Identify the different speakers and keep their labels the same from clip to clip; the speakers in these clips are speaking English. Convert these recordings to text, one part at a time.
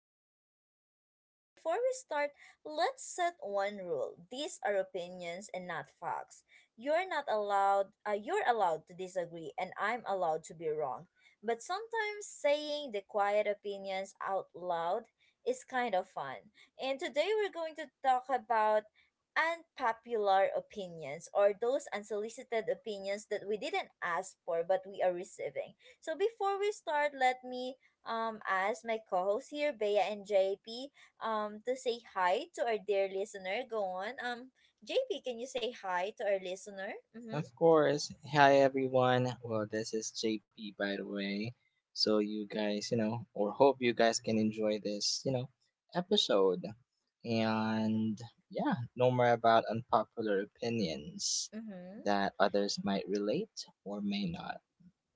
Speaker 1: back to our podcast. So, before we start, let's set one rule. These are opinions and not facts. You're not allowed, You're allowed to disagree, and I'm allowed to be wrong. But sometimes saying the quiet opinions out loud is kind of fun. And today we're going to talk about unpopular opinions, or those unsolicited opinions that we didn't ask for but we are receiving. So before we start, let me ask my co-hosts here, Bea and JP, to say hi to our dear listener. Go on. JP, can you say hi to our listener? Mhm.
Speaker 2: Of course. Hi, everyone. Well, this is JP, by the way. So, you guys, or hope you guys can enjoy this episode. And yeah, no more about unpopular opinions
Speaker 1: Mhm.
Speaker 2: that others might relate or may not.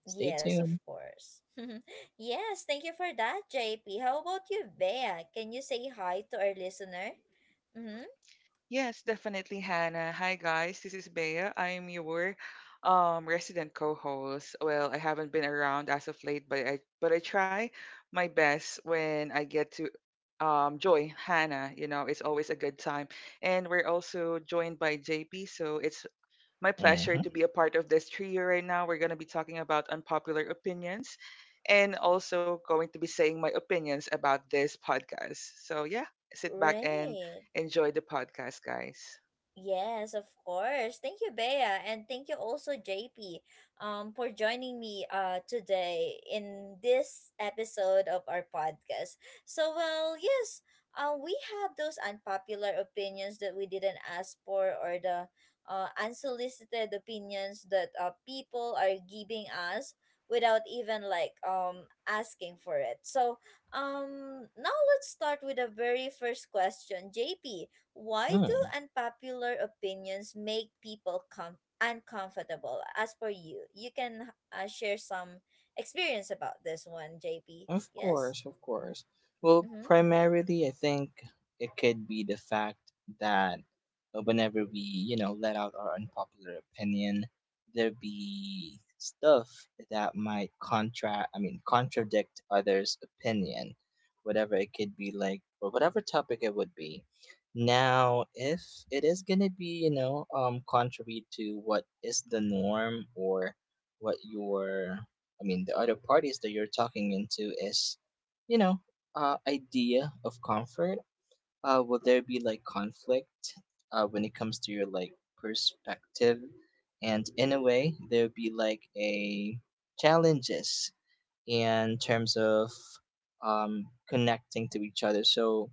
Speaker 2: Stay
Speaker 1: Yes, of
Speaker 2: tuned.
Speaker 1: course. Yes, thank you for that, JP. How about you, Bea? Can you say hi to our listener? Mhm.
Speaker 3: Yes, definitely, Hannah. Hi, guys. This is Bea. I am your resident co-host. Well, I haven't been around as of late, but I try my best when I get to join Hannah. You know, it's always a good time, and we're also joined by JP. So it's my pleasure
Speaker 2: Mm-hmm.
Speaker 3: to be a part of this trio right now. We're going to be talking about unpopular opinions and also going to be saying my opinions about this podcast. So, yeah, sit back and
Speaker 1: Right.
Speaker 3: enjoy the podcast, guys.
Speaker 1: Yes, of course. Thank you, Bea, and thank you also, JP, for joining me today in this episode of our podcast. So, well, yes, we have those unpopular opinions that we didn't ask for, or the unsolicited opinions that people are giving us without even asking for it. So, now let's start with the very first question, JP, why do
Speaker 2: Mm.
Speaker 1: unpopular opinions make people uncomfortable? As per you, you can share some experience about this one, JP.
Speaker 2: Of
Speaker 1: Yes?
Speaker 2: course, of course. Well,
Speaker 1: Mm-hmm.
Speaker 2: primarily, I think it could be the fact that whenever we, let out our unpopular opinion, there be stuff that might contra I mean, contradict others' opinion, whatever it could be like, or whatever topic it would be. Now, if it is gonna be, contrary to what is the norm or what your I mean, the other parties that you're talking into is, you know, idea of comfort. Will there be like conflict when it comes to your like perspective? And in a way, there'll be like a challenges in terms of connecting to each other. So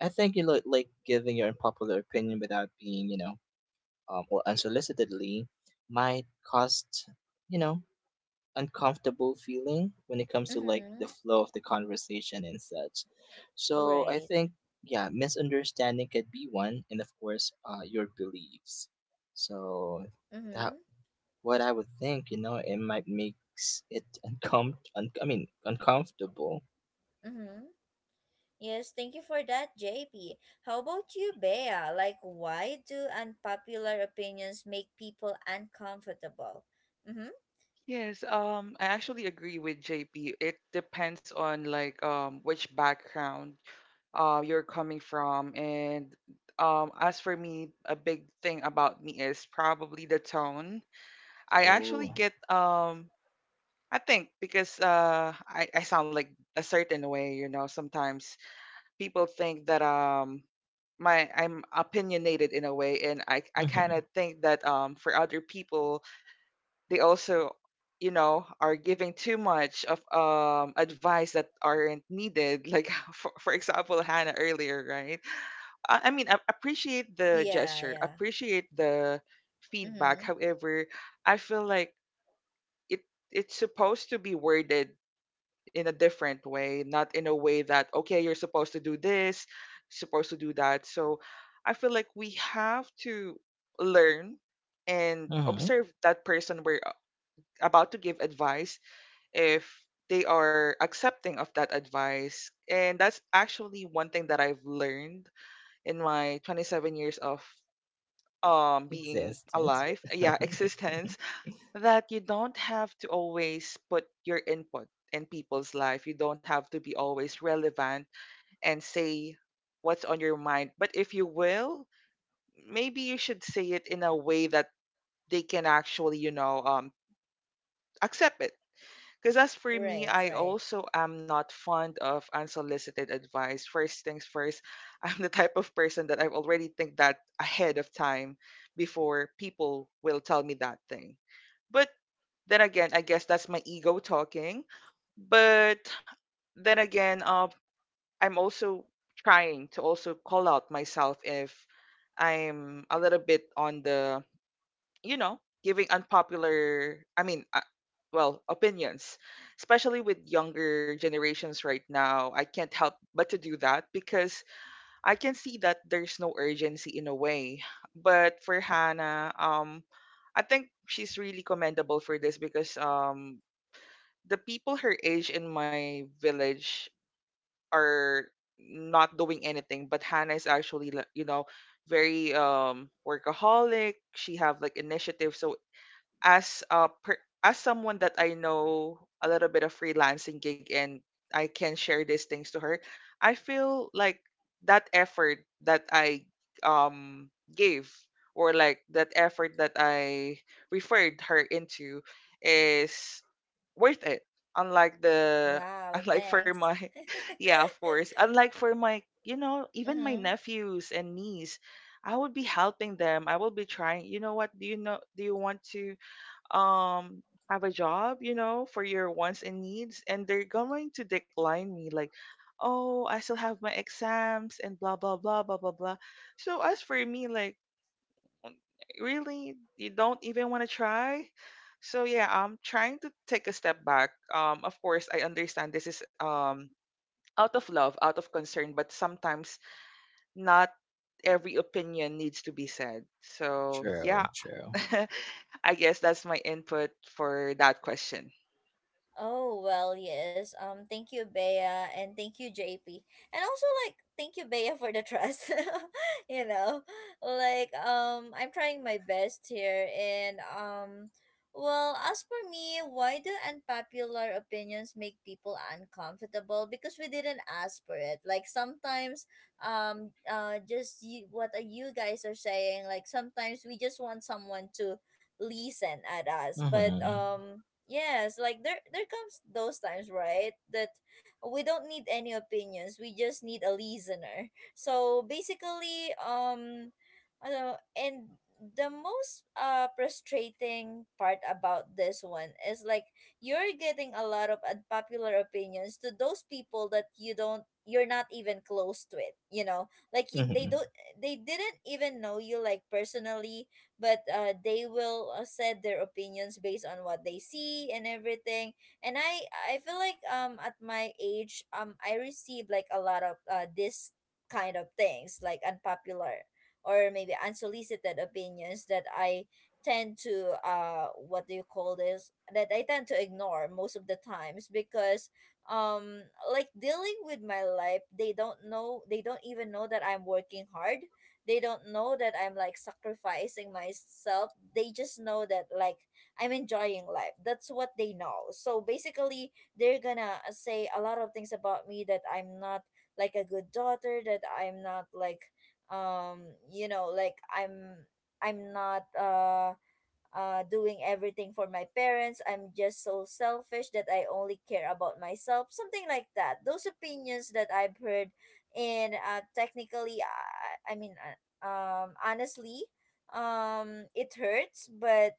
Speaker 2: I think you look like giving your unpopular opinion without being, or unsolicitedly might cost, you know, uncomfortable feeling when it comes to like
Speaker 1: Mm-hmm.
Speaker 2: the flow of the conversation and such. So I
Speaker 1: Right.
Speaker 2: think yeah, misunderstanding could be one, and of course, your beliefs. So that
Speaker 1: Mm-hmm.
Speaker 2: what I would think, it might makes it I mean uncomfortable.
Speaker 1: Mm-hmm. Yes, thank you for that, JP. How about you, Bea? Like, why do unpopular opinions make people uncomfortable? Mm-hmm.
Speaker 3: Yes, I actually agree with JP. It depends on like which background you're coming from, and as for me, a big thing about me is probably the tone. I actually
Speaker 2: Oh,
Speaker 3: get I think because I sound like a certain way, you know, sometimes people think that my I'm opinionated in a way, and I
Speaker 2: mm-hmm,
Speaker 3: kinda think that for other people they also, you know, are giving too much of advice that aren't needed. Like for example Hannah earlier, right? I mean I appreciate the
Speaker 1: Yeah,
Speaker 3: gesture,
Speaker 1: yeah.
Speaker 3: appreciate the feedback.
Speaker 1: Mm-hmm.
Speaker 3: However, I feel like it it's supposed to be worded in a different way, not in a way that, okay, you're supposed to do this, supposed to do that. So I feel like we have to learn and
Speaker 2: mm-hmm.
Speaker 3: observe that person we're about to give advice if they are accepting of that advice. And that's actually one thing that I've learned in my 27 years of being
Speaker 2: Existence.
Speaker 3: alive, yeah, existence, that you don't have to always put your input in people's life. You don't have to be always relevant and say what's on your mind. But if you will, maybe you should say it in a way that they can actually, you know, accept it. Because as for me,
Speaker 1: Right,
Speaker 3: I
Speaker 1: right.
Speaker 3: also am not fond of unsolicited advice. First things first, I'm the type of person that I've already think that ahead of time before people will tell me that thing. But then again, I guess that's my ego talking. But then again, I'm also trying to also call out myself if I'm a little bit on the, you know, giving unpopular, I mean, well, opinions, especially with younger generations right now. I can't help but to do that because I can see that there's no urgency in a way. But for Hannah, I think she's really commendable for this because the people her age in my village are not doing anything, but Hannah is actually, like, you know, very workaholic. She have like initiative. So as someone that I know a little bit of freelancing gig, and I can share these things to her, I feel like that effort that I um gave, or like that effort that I referred her into, is worth it. Unlike the
Speaker 1: Wow,
Speaker 3: unlike for
Speaker 1: thanks.
Speaker 3: my yeah, of course. Unlike for my, you know, even my
Speaker 1: Mm-hmm.
Speaker 3: nephews and niece, I would be helping them. I will be trying, you know what, do you want to um have a job, you know, for your wants and needs? And they're going to decline me like, "Oh, I still have my exams and blah blah blah blah blah blah." So as for me, like, mm, really? You don't even want to try? So yeah, I'm trying to take a step back. Of course, I understand this is out of love, out of concern, but sometimes not every opinion needs to be said. So yeah,
Speaker 2: True, true.
Speaker 3: I guess that's my input for that question.
Speaker 1: Oh, well, yes. Thank you, Bea, and thank you, JP. And also, like, thank you, Bea, for the trust. you know, I'm trying my best here. And, well, as for me, why do unpopular opinions make people uncomfortable? Because we didn't ask for it. Like, sometimes, just what you guys are saying, like, sometimes we just want someone to listen at us.
Speaker 2: Mm-hmm,
Speaker 1: Yes, like there comes those times, right? That we don't need any opinions. We just need a listener. So basically, I don't know, and the most frustrating part about this one is like you're getting a lot of unpopular opinions to those people that you're not even close to it, you know, they
Speaker 2: mm-hmm.
Speaker 1: don't, they didn't even know you like personally, but they will said their opinions based on what they see and everything. And I feel like at my age, I received like a lot of this kind of things, like unpopular or maybe unsolicited opinions that I tend to what do you call this that I tend to ignore most of the times because um like dealing with my life. They don't know, they don't even know that I'm working hard, they don't know that I'm like sacrificing myself. They just know that like I'm enjoying life. That's what they know. So basically, they're gonna say a lot of things about me, that I'm not like a good daughter, that I'm not I'm I'm not doing everything for my parents. I'm just so selfish that I only care about myself. Something like that. Those opinions that I've heard, and technically, honestly, it hurts, but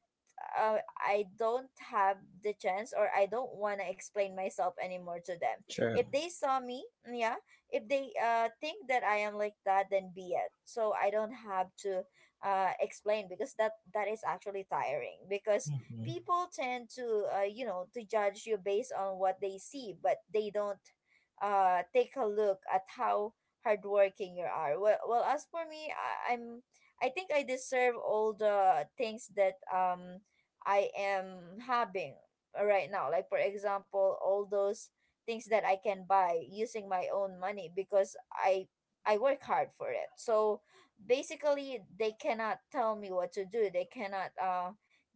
Speaker 1: I don't have the chance, or I don't want to explain myself anymore to them.
Speaker 2: True.
Speaker 1: If they saw me, yeah, if they think that I am like that, then be it. So I don't have to explain, because that is actually tiring, because
Speaker 2: Mhm.
Speaker 1: people tend to you know, to judge you based on what they see, but they don't take a look at how hardworking you are. Well, well, as for me, I'm, I think I deserve all the things that I am having right now, like for example all those things that I can buy using my own money, because I work hard for it. So basically they cannot tell me what to do, they cannot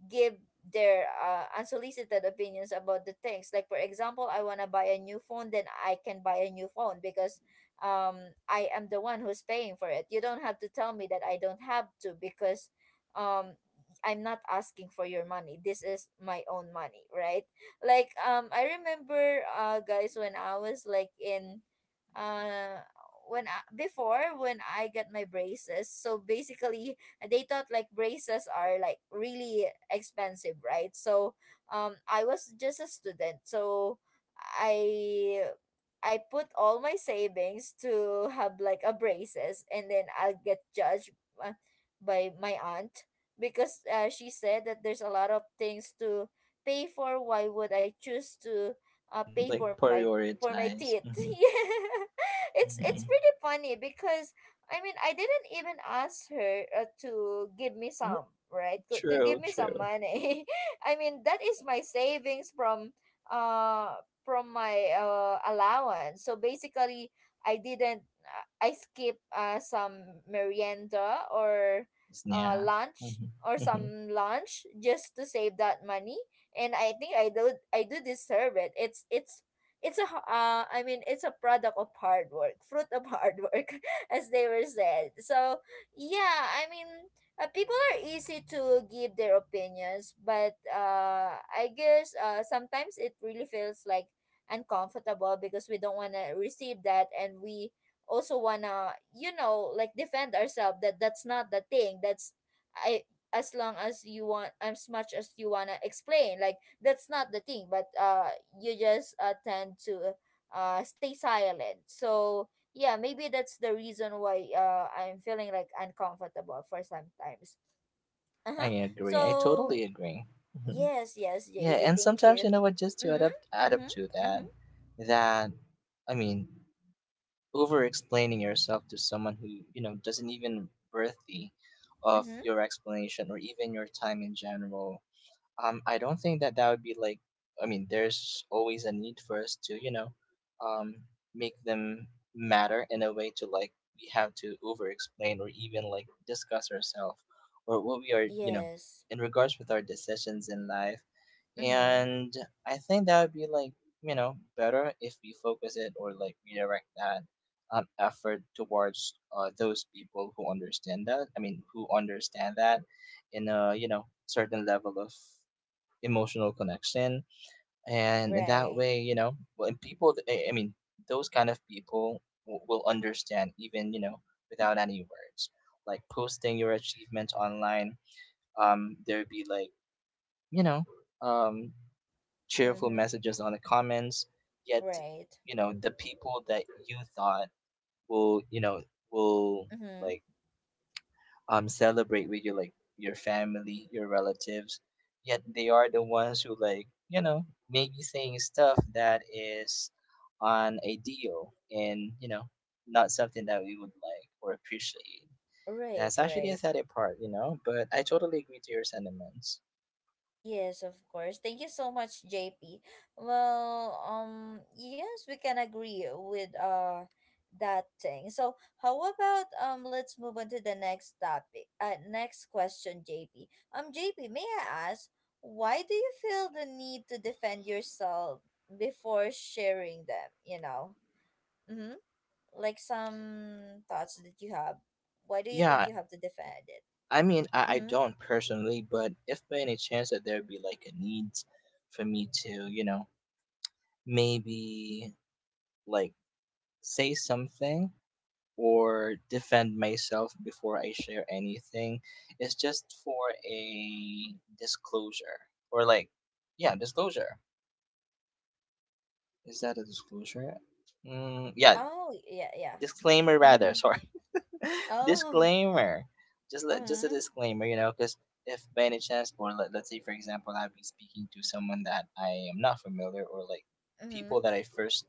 Speaker 1: give their unsolicited opinions about the things. Like for example, I want to buy a new phone, then I can buy a new phone, because um I am the one who's paying for it. You don't have to tell me that I don't have to, because um I'm not asking for your money, this is my own money, right? Like I remember, guys, when I was like in uh before when I got my braces. So basically, they thought like braces are like really expensive, right? So I was just a student. So I I put all my savings to have like a braces, and then I'll get judged uh, by my aunt, because she said that there's a lot of things to pay for, why would I choose to pay
Speaker 2: Like
Speaker 1: for my
Speaker 2: prioritize.
Speaker 1: teeth.
Speaker 2: Mhm.
Speaker 1: Yeah. It's
Speaker 2: Mhm.
Speaker 1: pretty funny, because I mean I didn't even ask her to give me
Speaker 2: Mm.
Speaker 1: some, right? To give
Speaker 2: True,
Speaker 1: me some
Speaker 2: true.
Speaker 1: money. I mean that is my savings from my allowance. So basically I didn't I skip some merienda or
Speaker 2: Snack.
Speaker 1: lunch
Speaker 2: Mhm.
Speaker 1: or
Speaker 2: Mhm.
Speaker 1: some lunch, just to save that money, and I think I do deserve it. I mean, it's a product of hard work, fruit of hard work, as they were said. So yeah, I mean people are easy to give their opinions, but I guess sometimes it really feels like uncomfortable, because we don't want to receive that, and we also wanna, you know, like defend ourselves that that's not the thing. That's I As long as you want, as much as you wanna explain, like that's not the thing, but you just tend to stay silent. So yeah, maybe that's the reason why I'm feeling like uncomfortable for sometimes.
Speaker 2: I
Speaker 1: Uh-huh.
Speaker 2: agree. I
Speaker 1: So
Speaker 2: totally agree. Mhm.
Speaker 1: yes, yes,
Speaker 2: Yeah,
Speaker 1: JB,
Speaker 2: and
Speaker 1: thank
Speaker 2: sometimes
Speaker 1: you.
Speaker 2: you know what? Just to add
Speaker 1: Mm-hmm,
Speaker 2: up, add up
Speaker 1: mm-hmm,
Speaker 2: to that,
Speaker 1: mm-hmm.
Speaker 2: that I mean, over explaining yourself to someone who doesn't even worthy of
Speaker 1: Mm-hmm.
Speaker 2: your explanation or even your time in general. I don't think that that would be like, I mean, there's always a need for us to, um, make them matter in a way to like we have to over explain or even like discuss ourselves or what we are,
Speaker 1: Yes.
Speaker 2: in regards with our decisions in life.
Speaker 1: Mm-hmm.
Speaker 2: And I think that would be like, better if we focus it or like redirect that effort towards those people who understand that. I mean, who understand that in a, certain level of emotional connection, and in that
Speaker 1: Right.
Speaker 2: way when people I mean those kind of people will understand, even without any words, like posting your achievements online. There'd be like you know um cheerful
Speaker 1: Mm-hmm.
Speaker 2: messages on the comments, yet
Speaker 1: Right.
Speaker 2: the people that you thought will you know will,
Speaker 1: Mm-hmm.
Speaker 2: like celebrate with you, like your family, your relatives, yet they are the ones who, like, maybe saying stuff that is on a deal and, not something that we would like or appreciate. That's
Speaker 1: Right,
Speaker 2: actually a
Speaker 1: right.
Speaker 2: sad part, but I totally agree to your sentiments.
Speaker 1: Yes, of course. Thank you so much, JP. Well, yes, we can agree with that thing. So, how about let's move on to the next topic. Next question, JP. JP, may I ask, why do you feel the need to defend yourself before sharing them? You know, mm-hmm, like some thoughts that you have. Why do you think
Speaker 2: Yeah,
Speaker 1: you have to defend it?
Speaker 2: I mean, I
Speaker 1: Mm-hmm.
Speaker 2: don't personally, but if by any chance that there'd be like a need for me to, maybe like say something or defend myself before I share anything. It's just for a disclosure, or like, yeah, disclosure. Is that a disclosure? Yeah,
Speaker 1: Oh, yeah, yeah.
Speaker 2: disclaimer rather.
Speaker 1: Mm-hmm.
Speaker 2: Sorry.
Speaker 1: Oh.
Speaker 2: Disclaimer. Just a
Speaker 1: Mm-hmm.
Speaker 2: disclaimer, because if by any chance, or let's say for example, I've been speaking to someone that I am not familiar, or like
Speaker 1: Mm-hmm.
Speaker 2: people that I first,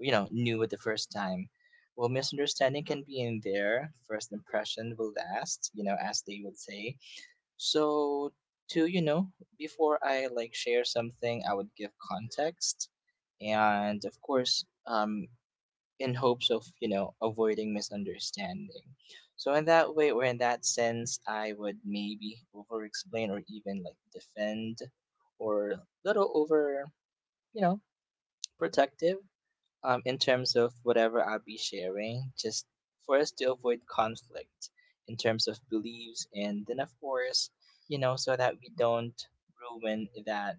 Speaker 2: knew at the first time. Well, misunderstanding can be in there. First impression will last, as they would say. So, to you know, before I like share something, I would give context, and of course, in hopes of avoiding misunderstanding, so in that way, or in that sense, I would maybe over explain or even like defend, or a little over, you know protective, in terms of whatever I'll be sharing, just for us to avoid conflict in terms of beliefs, and then of course, so that we don't ruin that,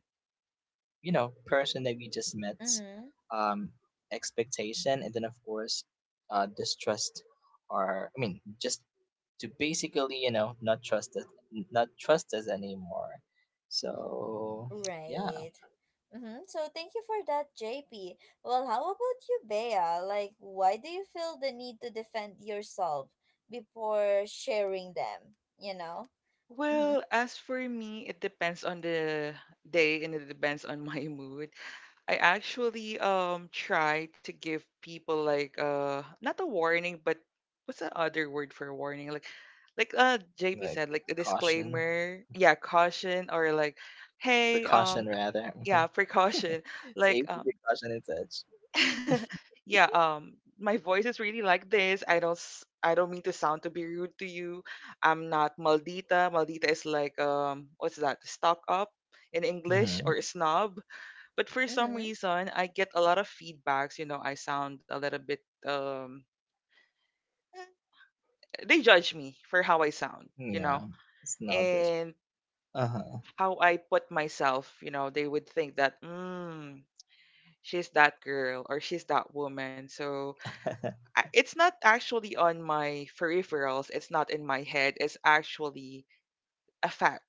Speaker 2: person that we just met
Speaker 1: Mm-hmm.
Speaker 2: um Expectation, and then of course, distrust, or I mean, just to basically, not trust us anymore. So yeah,
Speaker 1: Right. Mm-hmm. So thank you for that, JP. Well, how about you, Bea? Like, why do you feel the need to defend yourself before sharing them? You know? Mm-hmm.
Speaker 3: Well, as for me, it depends on the day, and it depends on my mood. I actually try to give people like not a warning, but what's the other word for warning, like JP
Speaker 2: like
Speaker 3: said, like a
Speaker 2: caution,
Speaker 3: disclaimer, yeah, caution, or like, hey,
Speaker 2: precaution rather,
Speaker 3: yeah, precaution, like
Speaker 2: safety precaution and such.
Speaker 3: yeah, my voice is really like this. I don't mean to sound to be rude to you. I'm not maldita. Maldita is like, what's that, stock up in English,
Speaker 2: Mhm.
Speaker 3: or
Speaker 1: Mm-hmm.
Speaker 3: snob. But for some
Speaker 1: Mm-hmm.
Speaker 3: reason, I get a lot of feedbacks. You know, I sound a little bit. They judge me for how I sound. You know,
Speaker 2: Yeah, it's not best.
Speaker 3: and
Speaker 2: Uh huh.
Speaker 3: how I put myself. You know, they would think that, mm, she's that girl or she's that woman. So it's not actually on my peripherals. It's not in my head. It's actually a fact.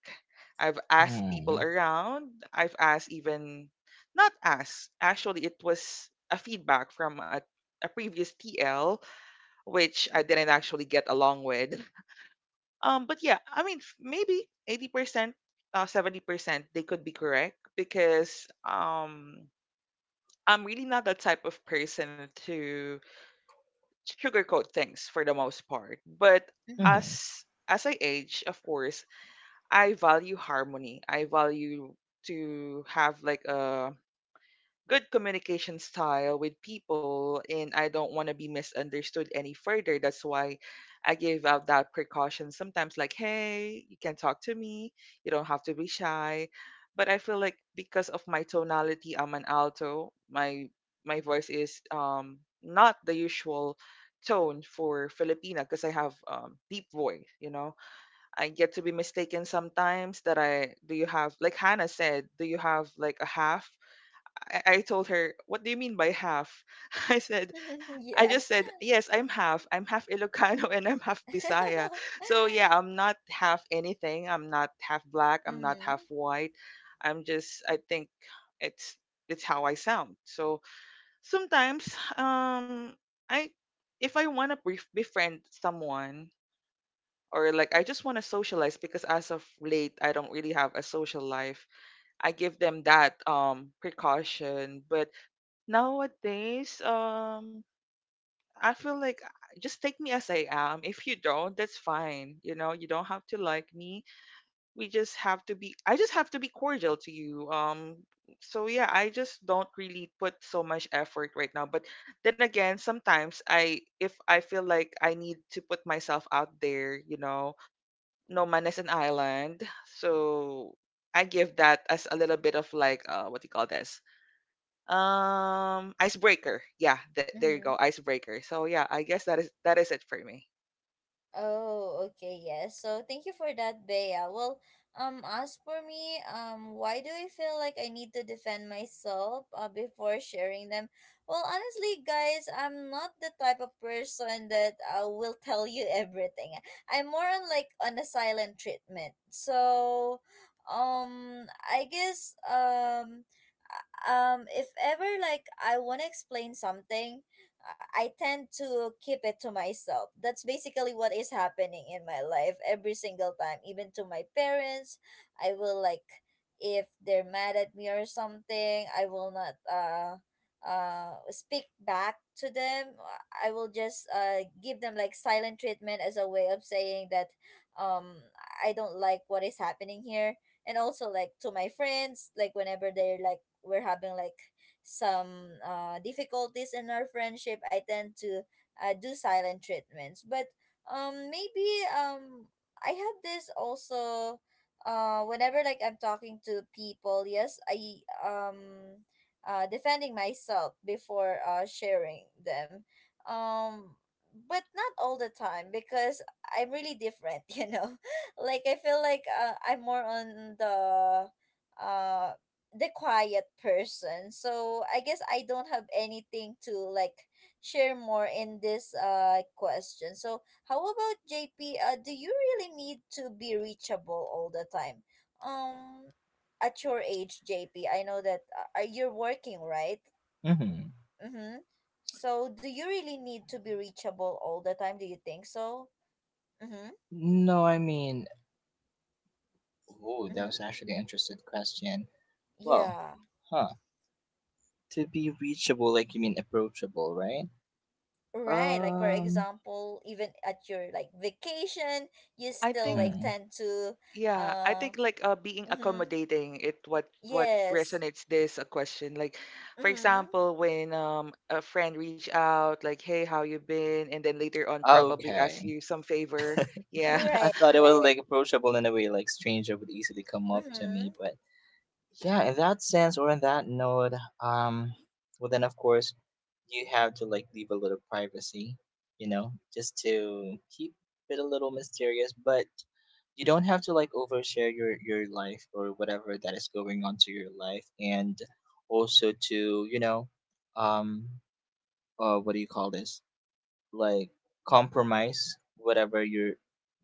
Speaker 3: I've asked people
Speaker 2: Hmm.
Speaker 3: around. I've asked even not asked. Actually, it was a feedback from a previous TL, which I didn't actually get along with. But yeah, I mean, maybe 80%, 70%, they could be correct because I'm really not the type of person to sugarcoat things for the most part. But
Speaker 2: Mm.
Speaker 1: Mm-hmm.
Speaker 2: Mhm.
Speaker 3: as I age, of course, I value harmony. I value to have like a good communication style with people, and I don't want to be misunderstood any further. That's why I give out that precaution sometimes like, "Hey, you can talk to me. You don't have to be shy." But I feel like because of my tonality, I'm an alto. My voice is not the usual tone for Filipina because I have deep voice, you know. I get to be mistaken sometimes that I do, you have, like Hannah said, "Do you have like a half?" I told her, "What do you mean by half?" I said I
Speaker 1: Yeah.
Speaker 3: just said, "Yes, I'm half. I'm half Ilocano and I'm half Bisaya." So yeah, I'm not half anything. I'm not half black. I'm not
Speaker 1: Mm-hmm.
Speaker 3: half white. I'm just, I think it's how I sound. So sometimes I, if I wanna befriend someone, or like I just want to socialize because as of late I don't really have a social life. I give them that precaution, but nowadays I feel like, just take me as I am. If you don't, that's fine. You know, you don't have to like me. We just have to be, I just have to be cordial to you. Um, so yeah, I just don't really put so much effort right now, but then again, sometimes I, if I feel like I need to put myself out there, you know, no man is an island. So I give that as a little bit of like, what do you call this? Um, icebreaker. Yeah, there you go,
Speaker 1: Mm-hmm.
Speaker 3: icebreaker. So yeah, I guess that is it for me.
Speaker 1: Oh, okay, yes. So thank you for that, Bea. Well, as for me, why do I feel like I need to defend myself before sharing them? Well, honestly, guys, I'm not the type of person that will tell you everything. I'm more on like on a silent treatment. So, um, I guess um, if ever like I wanna explain something, I tend to keep it to myself. That's basically what is happening in my life every single time. Even to my parents, I will like if they're mad at me or something, I will not speak back to them. I will just give them like silent treatment, as a way of saying that um I don't like what is happening here. And also like to my friends, like whenever they're like we're having like some difficulties in our friendship, I tend to do silent treatments. But maybe um, I had this also whenever like I'm talking to people. Yes, I defending myself before sharing them. Um, but not all the time, because I'm really different, you know. Like I feel like I'm more on uh the quiet person. So I guess I don't have anything to like share more in this question. So how about JP? Do you really need to be reachable all the time? Um, at your age, JP, I know that you're working, right?
Speaker 2: Mhm.
Speaker 1: Mm-hmm. So do you really need to be reachable all the time? Do you think so? Mm-hmm.
Speaker 2: No, I mean, oh, that
Speaker 1: Mm-hmm.
Speaker 2: was actually an interesting question. Well,
Speaker 1: Yeah.
Speaker 2: huh? To be reachable, like you mean approachable, right?
Speaker 1: Right, like for
Speaker 2: Um.
Speaker 1: example, even at your like vacation, you
Speaker 3: I
Speaker 1: still
Speaker 3: think
Speaker 1: like
Speaker 2: Mhm.
Speaker 1: tend to
Speaker 3: Yeah, I
Speaker 1: uh.
Speaker 3: think like being
Speaker 1: Mm-hmm,
Speaker 3: accommodating it, what
Speaker 1: yes.
Speaker 3: resonates this a question. Like for
Speaker 1: Mm-hmm.
Speaker 3: example, when a friend reach out like, "Hey, how you been?" and then later on probably ask
Speaker 2: Okay.
Speaker 3: you some favor. Yeah.
Speaker 2: I
Speaker 1: Right,
Speaker 2: thought it was
Speaker 1: right.
Speaker 2: like approachable in a way, like stranger would easily come up to me.
Speaker 1: Mm-hmm.
Speaker 2: But yeah, in that sense or in that note, um, well then of course you have to like leave a little privacy, just to keep it a little mysterious. But you don't have to like overshare your life or whatever that is going on to your life, and also to, um, what do you call this? Like compromise whatever you're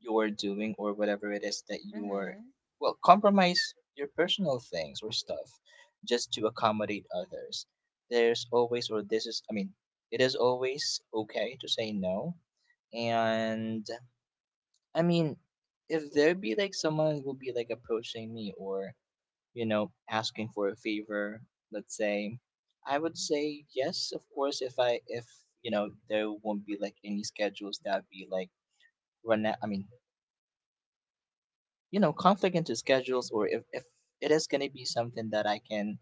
Speaker 2: you're doing, or whatever it is that you're
Speaker 1: Mm-hmm.
Speaker 2: well, compromise your personal things or stuff just to accommodate others. There's always or this is I mean, it is always okay to say no. And I mean, if there be like someone will be like approaching me, or asking for a favor, let's say, I would say yes, of course, if I if you know there won't be like any schedules that be like run out, I mean, conflict into schedules, or if it is gonna be something that I can,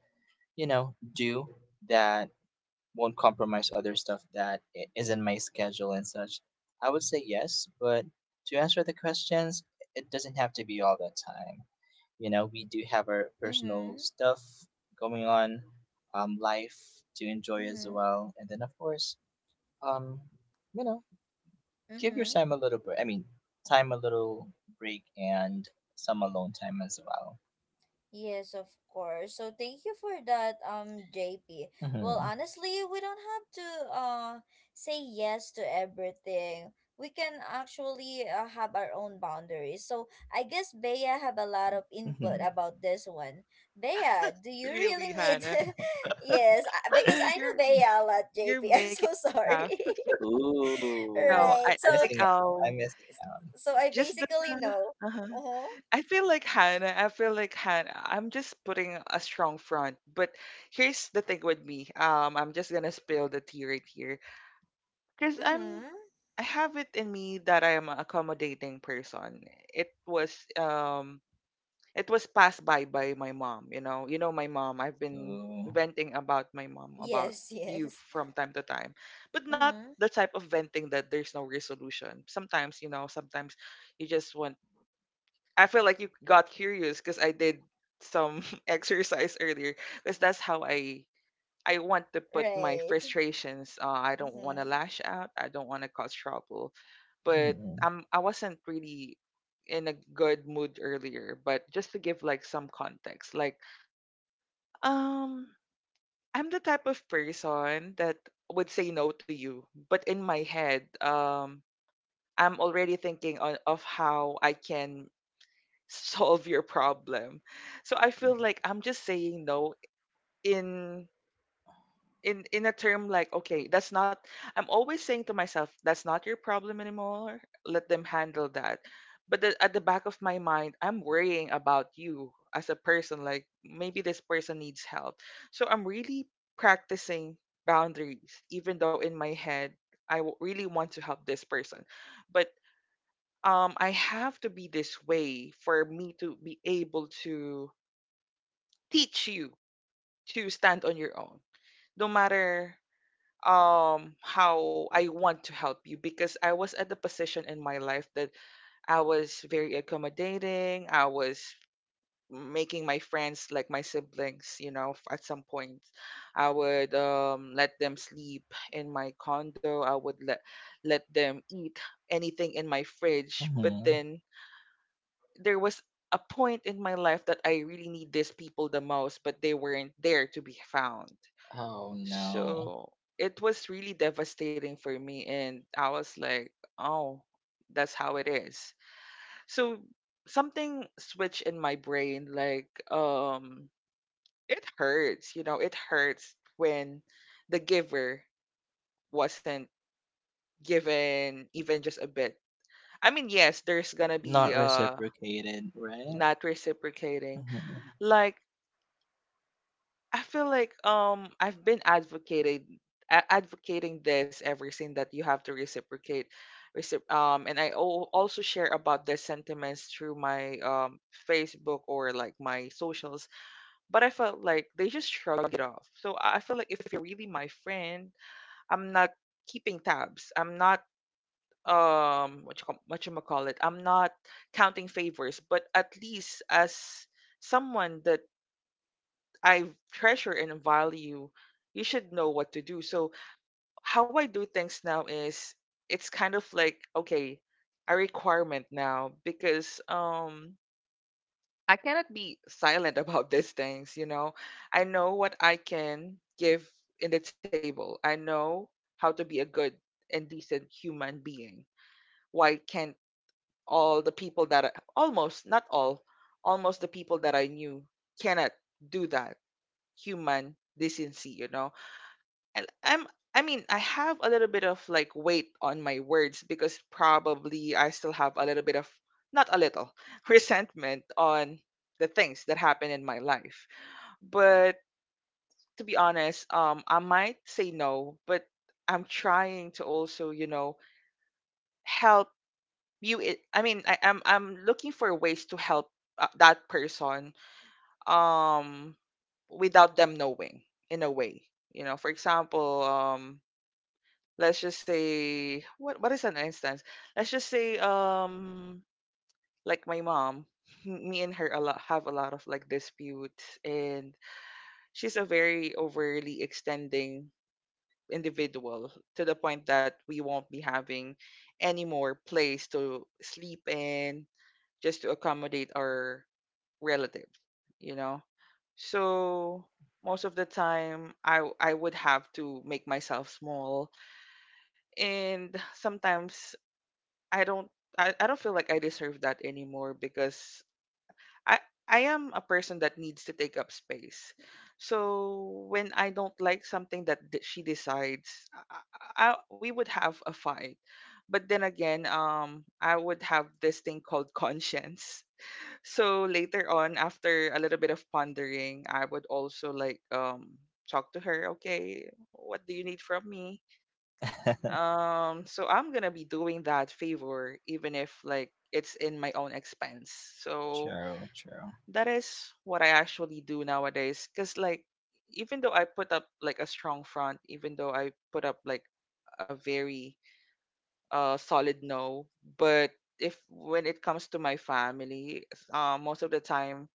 Speaker 2: do, that won't compromise other stuff that is in my schedule and such, I would say yes, but to answer the questions, it doesn't have to be all the time. We do have our personal
Speaker 1: Mm-hmm.
Speaker 2: stuff going on, life to enjoy as
Speaker 1: Mm-hmm.
Speaker 2: well, and then of course, um, you know, give your
Speaker 1: Mm-hmm.
Speaker 2: time a little break. I mean, time a little break and some alone time as well.
Speaker 1: Yes, of course. So thank you for that, JP. Well,
Speaker 2: Hmm.
Speaker 1: honestly, we don't have to uh say yes to everything. We can actually have our own boundaries. So I guess Bea have a lot of input
Speaker 2: Hmm.
Speaker 1: about this one. Bea, do you really
Speaker 3: Really,
Speaker 1: need?
Speaker 3: Hannah.
Speaker 1: Yes, I- because I know
Speaker 3: You're
Speaker 1: Bea a lot,
Speaker 3: you're
Speaker 1: JP. I'm
Speaker 3: making
Speaker 1: so
Speaker 3: me laugh.
Speaker 1: sorry.
Speaker 2: Ooh,
Speaker 3: No, I,
Speaker 1: Right.
Speaker 3: I
Speaker 1: So
Speaker 3: think
Speaker 2: missing out. I'm missing out.
Speaker 1: so I
Speaker 3: just the
Speaker 1: basically know.
Speaker 3: uh
Speaker 1: Uh huh.
Speaker 3: I feel like Hannah. I'm just putting a strong front. But here's the thing with me. I'm just gonna spill the tea right here because
Speaker 1: Mhm.
Speaker 3: I have it in me that I am an accommodating person. It was um it was passed by my mom. You know, my mom, I've been
Speaker 2: Ooh.
Speaker 3: venting about my mom about
Speaker 1: Yes.
Speaker 3: you
Speaker 1: Yes.
Speaker 3: from time to time, but not
Speaker 1: Mhm.
Speaker 3: the type of venting that there's no resolution. Sometimes, you know, sometimes you just want, I feel like you got curious because I did some exercise earlier because that's how I I want to put my
Speaker 1: Right.
Speaker 3: frustrations, I don't want to
Speaker 1: Mm-hmm.
Speaker 3: lash out, I don't want to cause trouble, but
Speaker 2: Mhm.
Speaker 3: I wasn't really in a good mood earlier. But just to give like some context, like um I'm the type of person that would say no to you, but in my head, I'm already thinking on of how I can solve your problem. So I feel like I'm just saying no in a term like, okay, that's not, I'm always saying to myself, that's not your problem anymore, let them handle that. But the, at the back of my mind I'm worrying about you as a person, like maybe this person needs help. So I'm really practicing boundaries even though in my head I really want to help this person. But I have to be this way for me to be able to teach you to stand on your own, no matter how I want to help you, because I was at the position in my life that I was very accommodating. I was making my friends like my siblings, you know, at some point. I would let them sleep in my condo. I would let them eat anything in my fridge. But
Speaker 2: Mm-hmm.
Speaker 3: then there was a point in my life that I really need these people the most, but they weren't there to be found.
Speaker 2: Oh no.
Speaker 3: So it was really devastating for me. And I was like, oh, that's how it is. So something switched in my brain. Like, it hurts, you know, it hurts when the giver wasn't given even just a bit. I mean, yes, there's gonna
Speaker 2: Not
Speaker 3: be
Speaker 2: reciprocated, right?
Speaker 3: not reciprocating.
Speaker 2: Mm-hmm.
Speaker 3: Like I feel like I've been advocating advocating this ever since that you have to reciprocate and I also share about the sentiments through my Facebook or like my socials, but I felt like they just shrug it off. So I feel like if you're really my friend, I'm not keeping tabs. I'm not what you call it. I'm not counting favors, but at least as someone that I treasure and value, you should know what to do. So how I do things now is it's kind of like okay, a requirement now because I cannot be silent about these things, you know. I know what I can give in the table. I know how to be a good and decent human being. Why can't all the people that I, almost not all almost the people that I knew cannot do that human decency, you know? And I mean I have a little bit of like weight on my words because probably I still have a little bit of not a little resentment on the things that happen in my life. But to be honest, I might say no, but I'm trying to also, you know, help you. I mean I'm I'm looking for ways to help that person um without them knowing in a way. You know, for example, let's just say what is an instance, let's just say like my mom me and her a lot have a lot of like disputes. And she's a very overly extending individual to the point that we won't be having any more place to sleep in just to accommodate our relative, you know. So most of the time I would have to make myself small, and sometimes I don't I don't feel like I deserve that anymore because I I am a person that needs to take up space. So when I don't like something that she decides, we would have a fight. But then again, I would have this thing called conscience. So later on, after a little bit of pondering, I would also like talk to her. Okay, what do you need from me? So I'm gonna be doing that favor even if like it's in my own expense. So
Speaker 2: True, true.
Speaker 3: that is what I actually do nowadays. Cause like even though I put up like a strong front, even though I put up like a very solid no, but if when it comes to my family, most of the time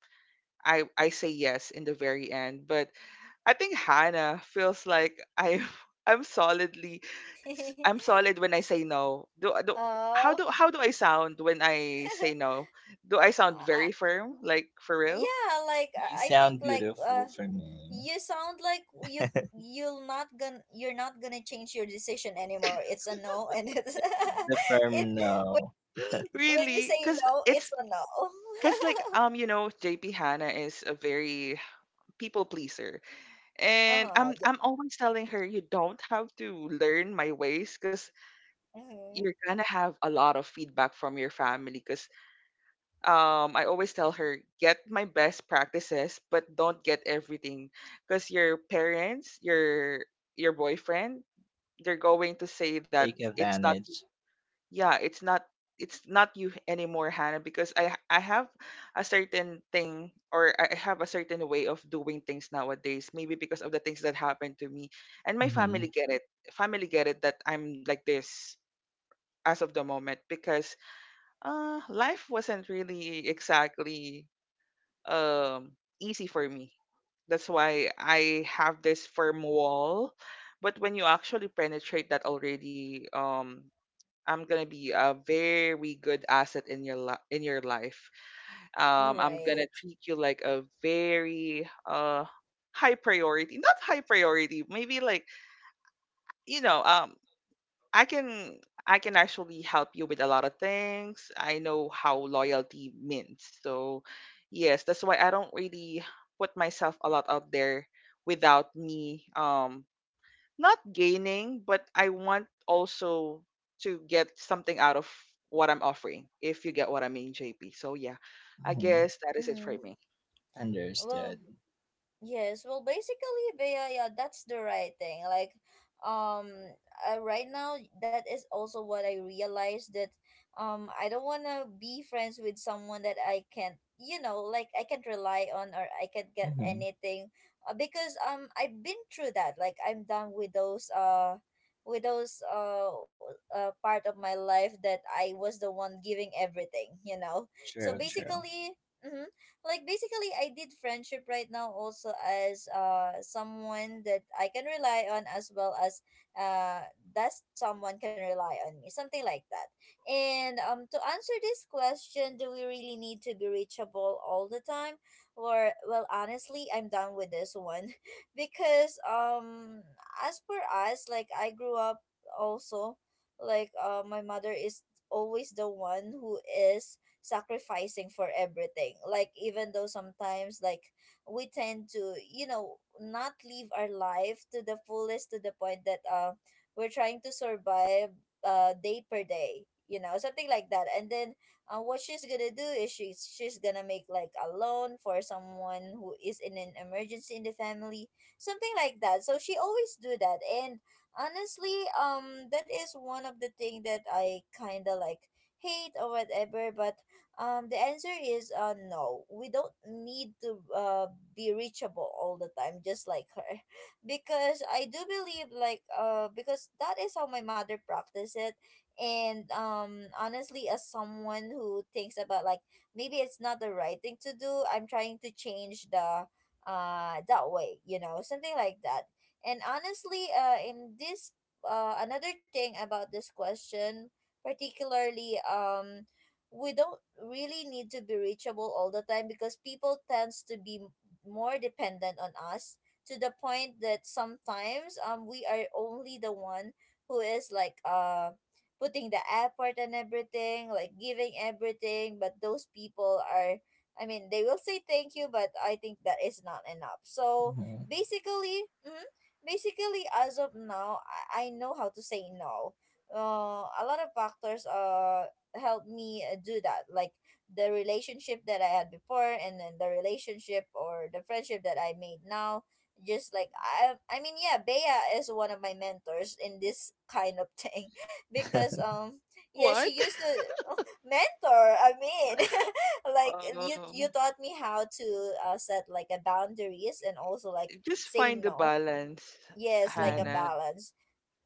Speaker 3: I say yes in the very end. But I think Hannah feels like I'm I'm solidly I'm solid when I say no. Do, do how do
Speaker 1: Oh,
Speaker 3: I sound when I say no? Do I sound very
Speaker 1: I-
Speaker 3: firm? Like for real?
Speaker 1: yeah. Like I
Speaker 2: You
Speaker 1: I think
Speaker 2: sound
Speaker 1: like
Speaker 2: beautiful for me.
Speaker 1: you sound like you're not gonna change your decision anymore. It's a no, and it's
Speaker 2: It's a
Speaker 1: it
Speaker 2: firm
Speaker 1: when
Speaker 2: no.
Speaker 1: you when you say
Speaker 3: really?
Speaker 1: no, it's a no.
Speaker 3: Cause like you know JP, Hannah is a very people pleaser, and
Speaker 1: uh-huh.
Speaker 3: I'm always telling her you don't have to learn my ways, cause
Speaker 1: Mm-hmm.
Speaker 3: you're gonna have a lot of feedback from your family, because. I always tell her, get my best practices, but don't get everything. Because your parents, your boyfriend, they're going to say that
Speaker 2: Take
Speaker 3: it's not
Speaker 2: advantage.
Speaker 3: yeah, it's not you anymore, Hannah, because I have a certain thing, or I have a certain way of doing things nowadays, maybe because of the things that happened to me. And my
Speaker 2: Mm-hmm.
Speaker 3: family get it. Family get it that I'm like this as of the moment because life wasn't really exactly um easy for me. That's why I have this firm wall. But when you actually penetrate that already, I'm gonna be a very good asset in your in your life. I'm gonna
Speaker 1: Right.
Speaker 3: treat you like a very high priority, not high priority, maybe like you know, I can I can actually help you with a lot of things. I know how loyalty means. So yes, that's why I don't really put myself a lot out there without me not gaining, but I want also to get something out of what I'm offering, if you get what I mean, JP. So yeah, I
Speaker 2: Mm-hmm.
Speaker 3: guess that is it
Speaker 1: Mm-hmm.
Speaker 3: for me.
Speaker 1: Well.
Speaker 2: Understood.
Speaker 1: Yes, well, basically, Bea, yeah, that's the right thing. Like, um, right now, that is also what I realized that, I don't wanna be friends with someone that I can't, you know, like I can't rely on or I can't get
Speaker 2: Mm-hmm.
Speaker 1: anything, because I've been through that. Like, I'm done with those with those uh, part of my life that I was the one giving everything.
Speaker 2: True,
Speaker 1: So
Speaker 2: true.
Speaker 1: basically. Mhm, like basically I did friendship right now also as someone that I can rely on as well as uh that someone can rely on me, something like that. And to answer this question, do we really need to be reachable all the time? Or well, honestly, I'm done with this one, because as per us, like I grew up also, like my mother is always the one who is sacrificing for everything, like even though sometimes like we tend to not live our life to the fullest, to the point that we're trying to survive day per day, something like that. And then what she's gonna do is she's gonna make like a loan for someone who is in an emergency in the family, something like that. So she always do that. And honestly, that is one of the thing that I kind of like hate or whatever. But the answer is, no. We don't need to, be reachable all the time, just like her, because I do believe like because that is how my mother practiced it, and honestly, as someone who thinks about like maybe it's not the right thing to do, I'm trying to change the that way, you know, something like that. And honestly, in this another thing about this question, particularly we don't really need to be reachable all the time because people tends to be more dependent on us, to the point that sometimes we are only the one who is like putting the effort and everything, like giving everything, but those people are, I mean, they will say thank you, but I think that is not enough. So
Speaker 2: Mm-hmm.
Speaker 1: basically, mhm, basically as of now, I know how to say no. A lot of factors helped me, do that. Like the relationship that I had before, and then the relationship or the friendship that I made now, just like, I mean, yeah, Bea is one of my mentors in this kind of thing, because yeah, she
Speaker 3: What?
Speaker 1: used to mentor, I mean, like you
Speaker 3: Um,
Speaker 1: taught me how to, set like a boundaries and also like
Speaker 3: just
Speaker 1: say
Speaker 3: find the
Speaker 1: no.
Speaker 3: balance,
Speaker 1: Yes, like a
Speaker 2: Mm-hmm.
Speaker 3: Hannah.
Speaker 1: balance.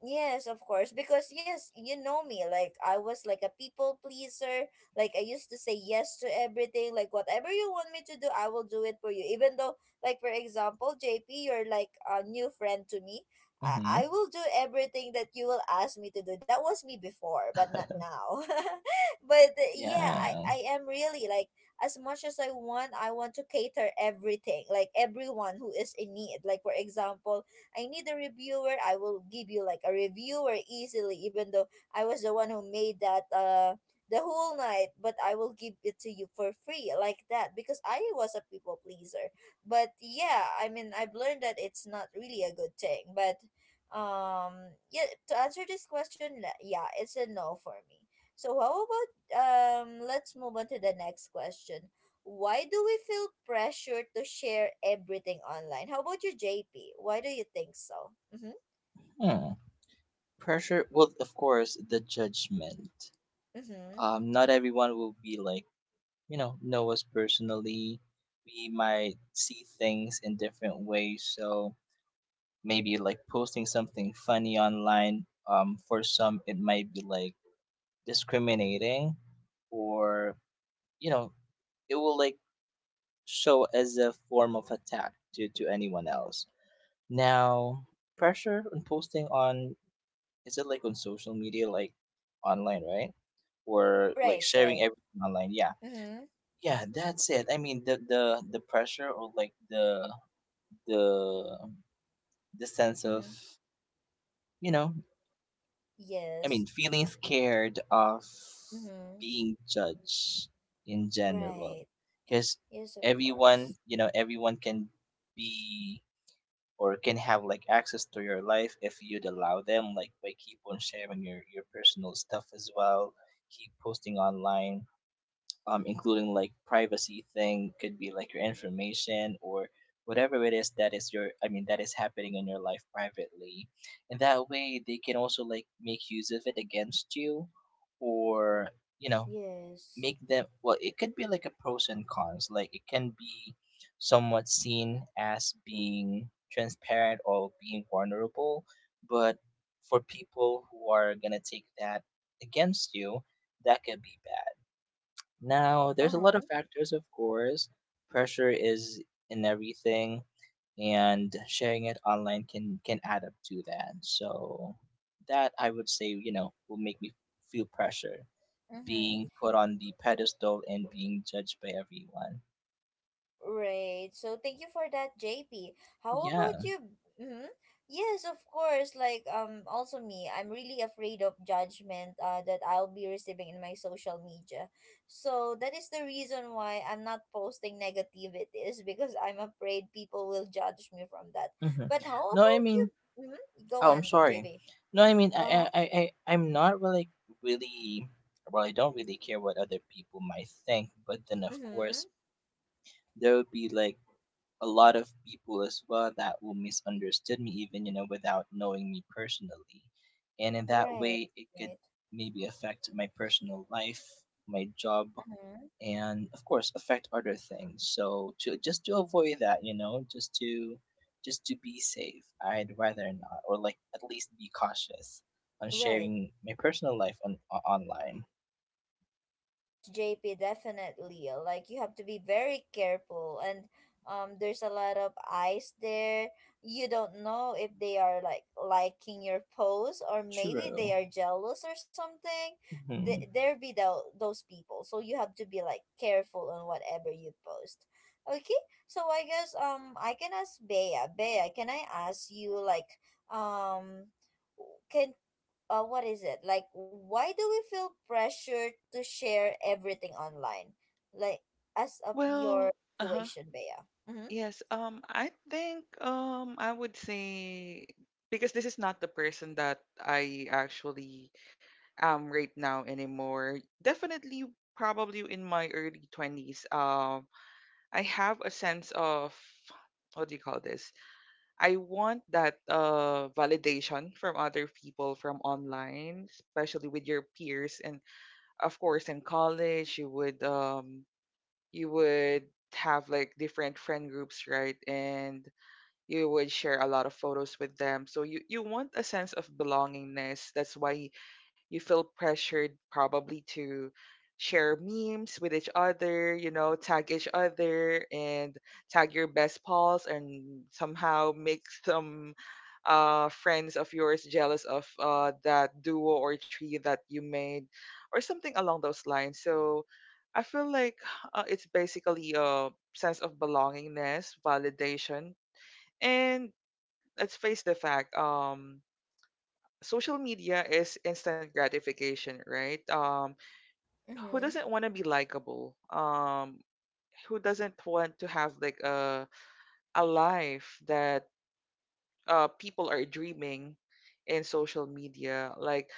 Speaker 1: Yes, of course. Because yes, you know me. Like I was like a people pleaser. Like I used to say yes to everything. Like whatever you want me to do, I will do it for you. Even though, like for example, JP, you're like a new friend to me.
Speaker 2: Mm-hmm.
Speaker 1: I will do everything that you will ask me to do. That was me before, but not now. But yeah, I,
Speaker 2: Yeah.
Speaker 1: I am really like, as much as I want to cater everything. Like everyone who is in need. Like for example, I need a reviewer. I will give you like a reviewer easily, even though I was the one who made that the whole night, but I will give it to you for free like that because I was a people pleaser. But yeah, I mean, I've learned that it's not really a good thing. But yeah, to answer this question, yeah, it's a no for me. So how about, let's move on to the next question, why do we feel pressure to share everything online? How about you, JP? Why do you think so? Mm-hmm.
Speaker 2: Hmm. Pressure. Well, of course, the judgment.
Speaker 1: Mm-hmm.
Speaker 2: Not everyone will be like, know us personally. We might see things in different ways. So maybe like posting something funny online. For some, it might be like discriminating, or you know it will like show as a form of attack to anyone else. Now, pressure on posting on, is it like on social media, like online, right? Or
Speaker 1: Right,
Speaker 2: like sharing
Speaker 1: right.
Speaker 2: everything online, yeah?
Speaker 1: Mm-hmm.
Speaker 2: Yeah, that's it. I mean, the pressure, or like the the sense of,
Speaker 1: Mm-hmm.
Speaker 2: you know I mean,
Speaker 1: Yes.
Speaker 2: feeling scared of
Speaker 1: Mm-hmm.
Speaker 2: being judged in
Speaker 1: Right.
Speaker 2: general, because
Speaker 1: Yes, of course.
Speaker 2: everyone, everyone can be, or can have like access to your life if you'd allow them. Like by keep on sharing your personal stuff as well, keep posting online, including like privacy thing could be like your information, or whatever it is that is your I mean that is happening in your life privately, and that way they can also like make use of it against you, or you know
Speaker 1: Yes.
Speaker 2: make them well, it could be like a pros and cons. Like it can be somewhat seen as being transparent or being vulnerable, but for people who are going to take that against you, that could be bad. Now, there's a lot
Speaker 1: Uh-huh.
Speaker 2: of factors, of course. Pressure is in everything, and sharing it online can add up to that. So that I would say, will make me feel pressure, being
Speaker 1: Mm-hmm.
Speaker 2: put on the pedestal and being judged by everyone.
Speaker 1: Right. So thank you for that, JP. How about
Speaker 2: Yeah.
Speaker 1: you? Hmm. Yes, of course. Like also me. I'm really afraid of judgment. That I'll be receiving in my social media. So that is the reason why I'm not posting negativities because I'm afraid people will judge me from that.
Speaker 2: Hmm.
Speaker 1: But how
Speaker 2: No, I
Speaker 1: about you?
Speaker 2: mean,
Speaker 1: Hmm. Go
Speaker 2: oh, I'm
Speaker 1: on,
Speaker 2: sorry.
Speaker 1: JP.
Speaker 2: No, I mean,
Speaker 1: Uh huh.
Speaker 2: I'm not really, really, well, I don't really care what other people might think, but then of
Speaker 1: Mm-hmm.
Speaker 2: course there would be like a lot of people as well that will misunderstood me, even without knowing me personally, and in that
Speaker 1: Right.
Speaker 2: way it could
Speaker 1: Right.
Speaker 2: maybe affect my personal life, my job,
Speaker 1: Mm-hmm.
Speaker 2: and of course affect other things, so to just to avoid that, just to be safe. I'd rather not, or like, at least be cautious on
Speaker 1: Right.
Speaker 2: sharing my personal life on online.
Speaker 1: Yes, JP, definitely. Like you have to be very careful, and there's a lot of eyes there. You don't know if they are like liking your post or maybe they
Speaker 2: True.
Speaker 1: are jealous or something.
Speaker 2: Mm-hmm.
Speaker 1: There be those people. So you have to be like careful on whatever you post. Okay? So I guess I can ask Bea. Bea, can I ask you like, um can what is it, like why do we feel pressure to share everything online, like as of your
Speaker 3: Well, uh-huh.
Speaker 1: situation, Bea? Mm-hmm.
Speaker 3: Yes, I think I would say because this is not the person that I actually am right now anymore. Definitely, probably in my early twenties. I have a sense of what do you call this? I want that validation from other people from online, especially with your peers. And of course in college you would have like different friend groups, right? And you would share a lot of photos with them, so you want a sense of belongingness. That's why you feel pressured probably to share memes with each other, you know, tag each other and tag your best pals and somehow make some friends of yours jealous of that duo or tree that you made or something along those lines. So I feel like it's basically a sense of belongingness, validation. And let's face the fact, social media is instant gratification, right? Who
Speaker 1: Mm-hmm.
Speaker 3: doesn't want to be likable? Who doesn't want to have like a life that people are dreaming in social media? Like,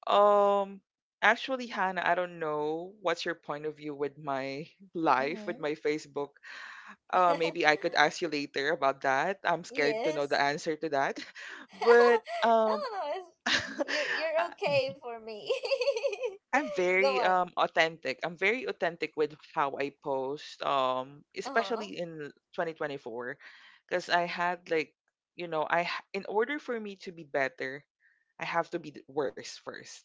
Speaker 3: um, actually, Hannah, I don't know what's your point of view with my life, with
Speaker 1: Mm-hmm.
Speaker 3: my Facebook. Maybe I could ask you later about that. I'm scared to know the
Speaker 1: Yes.
Speaker 3: answer to that, but
Speaker 1: No, no, you're
Speaker 3: I-
Speaker 1: okay
Speaker 2: Mm-hmm.
Speaker 1: for me.
Speaker 3: I'm
Speaker 1: Go
Speaker 3: very
Speaker 1: on.
Speaker 3: authentic. I'm very authentic with how I post
Speaker 1: Uh-huh.
Speaker 3: especially in 2024, because I had like, you know, in order for me to be better, I have to be worse first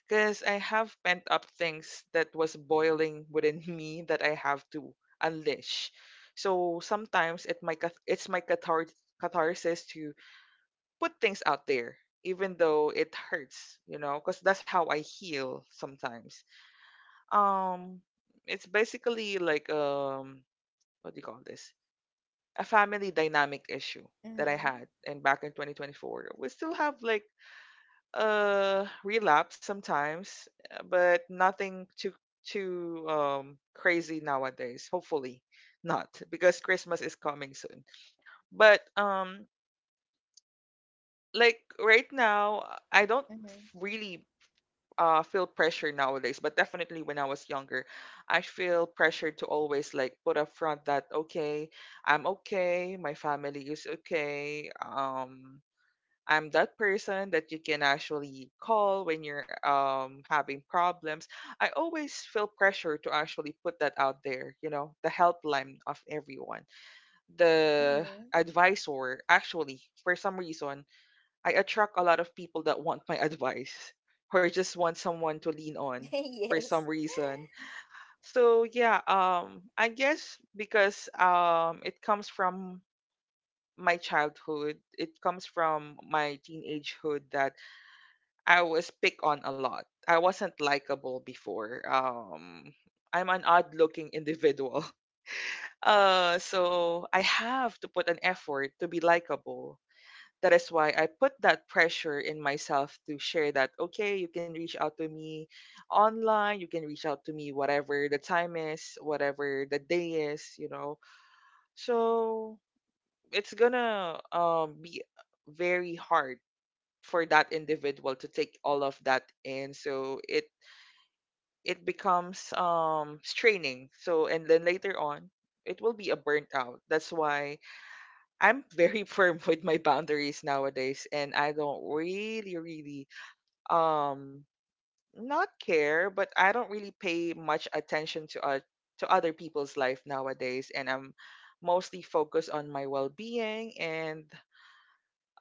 Speaker 3: because I have pent up things that was boiling within me that I have to unleash. So sometimes it my catharsis to put things out there even though it hurts, you know, because that's how I heal sometimes. um it's basically like what do you call this, a family dynamic issue that I
Speaker 1: Mm-hmm.
Speaker 3: had. And back in 2024, we still have like relapse sometimes, but nothing too crazy nowadays, hopefully not, because christmas is coming soon. But like right now I don't
Speaker 1: Mm-hmm.
Speaker 3: really feel pressure nowadays. But definitely when I was younger, I feel pressured to always like put up front that okay, I'm okay, my family is okay. I'm that person that you can actually call when you're having problems. I always feel pressure to actually put that out there, you know, the helpline of everyone, the
Speaker 1: Mm-hmm.
Speaker 3: advisor. Actually for some reason I attract a lot of people that want my advice or just want someone to lean on for some
Speaker 1: Yes.
Speaker 3: reason. So yeah, I guess because it comes from my childhood, it comes from my teenagehood that I was picked on a lot. I wasn't likable before. I'm an odd-looking individual. So I have to put an effort to be likable. That is why I put that pressure in myself to share that, okay, you can reach out to me online, you can reach out to me whatever the time is, whatever the day is, you know. So it's gonna be very hard for that individual to take all of that in. So it becomes straining. So and then later on, it will be a burnt out. That's why I'm very firm with my boundaries nowadays, and I don't really really um not care, but I don't really pay much attention to other people's life nowadays. And I'm mostly focused on my well-being. And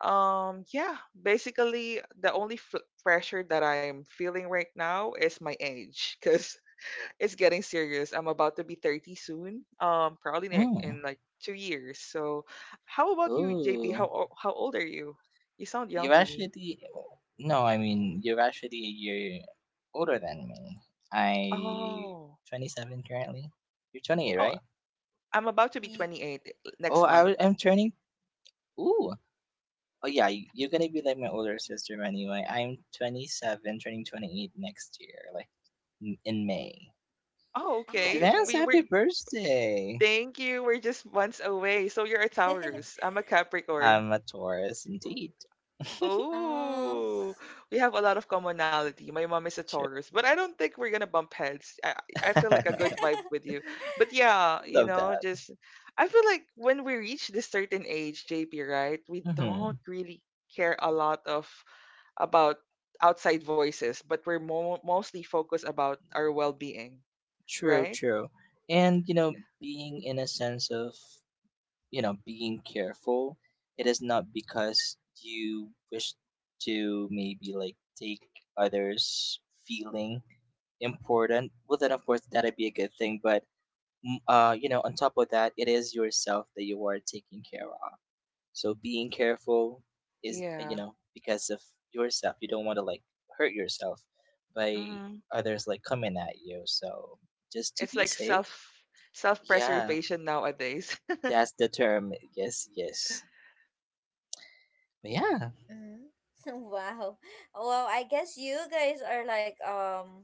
Speaker 3: yeah, basically the only pressure that I am feeling right now is my age, because it's getting serious. I'm about to be 30 soon. Probably in,
Speaker 2: Mm.
Speaker 3: like 2 years. So, how about you, JP?
Speaker 2: Oh.
Speaker 3: How old are you? You sound young
Speaker 2: You're
Speaker 3: to me.
Speaker 2: actually No, I mean you're actually a year older than me. I
Speaker 3: Oh,
Speaker 2: 27 currently. You're 28,
Speaker 3: oh,
Speaker 2: right?
Speaker 3: I'm about to be
Speaker 1: Ye-
Speaker 3: 28
Speaker 2: Oh,
Speaker 3: next month.
Speaker 2: I'm turning. Ooh. Oh yeah, you're gonna be like my older sister anyway. I'm 27, turning 28 next year, like in May.
Speaker 3: Oh, okay.
Speaker 1: oh,
Speaker 2: Advance
Speaker 1: okay.
Speaker 3: We were.
Speaker 2: happy birthday.
Speaker 3: Thank you. We're just months away. So you're a Taurus. I'm a Capricorn.
Speaker 2: I'm a Taurus indeed.
Speaker 1: Um.
Speaker 3: Oh, we have a lot of commonality. My mom is a
Speaker 2: Sure.
Speaker 3: Taurus, but I don't think we're gonna bump heads. I feel like a good vibe with you. But yeah, you
Speaker 2: Love
Speaker 3: know,
Speaker 2: that.
Speaker 3: just I feel like when we reach this certain age, JP, right? We
Speaker 2: Hmm.
Speaker 3: don't really care a lot of about outside voices, but we're mo mostly focused about our well-being,
Speaker 2: True,
Speaker 3: right?
Speaker 2: true. And you know, being in a sense of being careful, it is not because you wish to maybe like take others feeling important. Well, then of course that'd be a good thing, but you know, on top of that, it is yourself that you are taking care of. So being careful is you
Speaker 3: Yeah.
Speaker 2: know, because of yourself. You don't want to like hurt yourself by
Speaker 3: Hmm.
Speaker 2: others like coming at you, so just to
Speaker 3: It's
Speaker 2: be
Speaker 3: like
Speaker 2: safe.
Speaker 3: self
Speaker 2: Yeah,
Speaker 3: self-preservation nowadays.
Speaker 2: that's the term. Yes, yes. But yeah.
Speaker 1: Mm-hmm. Wow. Well, I guess you guys are like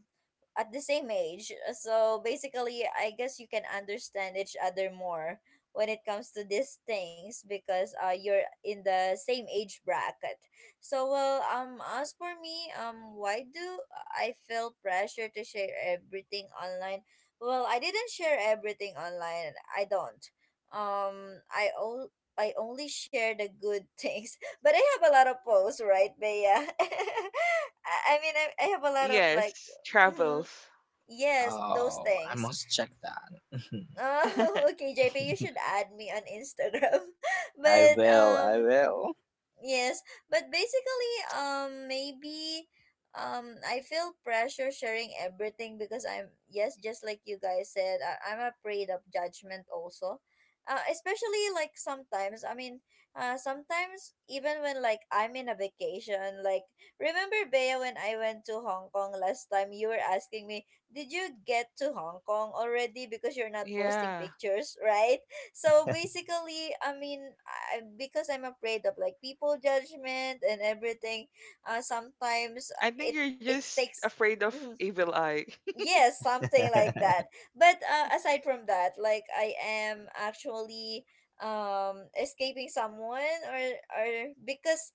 Speaker 1: at the same age. So basically, I guess you can understand each other more when it comes to these things because you're in the same age bracket. So well, as for me, why do I feel pressure to share everything online? Well, I didn't share everything online. I don't. Um I o- I only share the good things, but I have a lot of posts, right, Bea? I mean, I have a lot of like,
Speaker 3: Yes,
Speaker 1: mhm,
Speaker 3: travels.
Speaker 1: yes, those
Speaker 2: Oh, I
Speaker 1: things.
Speaker 2: must check that.
Speaker 1: Oh, okay, JP, you should add me on Instagram.
Speaker 2: I
Speaker 1: But
Speaker 2: will, I will.
Speaker 1: yes, but basically, maybe, I feel pressure sharing everything because I'm yes, just like you guys said, I'm afraid of judgment also. Especially like sometimes, I mean, sometimes even when like I'm in a vacation, like remember, Bea, when I went to Hong Kong last time, you were asking me, did you get to Hong Kong already because you're not posting
Speaker 3: Yeah.
Speaker 1: pictures, right? So basically, because I'm afraid of like people judgment and everything, sometimes,
Speaker 3: I
Speaker 1: it
Speaker 3: think you're
Speaker 1: it
Speaker 3: just
Speaker 1: takes.
Speaker 3: afraid of
Speaker 1: Mhm.
Speaker 3: evil eye.
Speaker 1: Yes, something like that. But aside from that, like I am actually escaping someone, or because,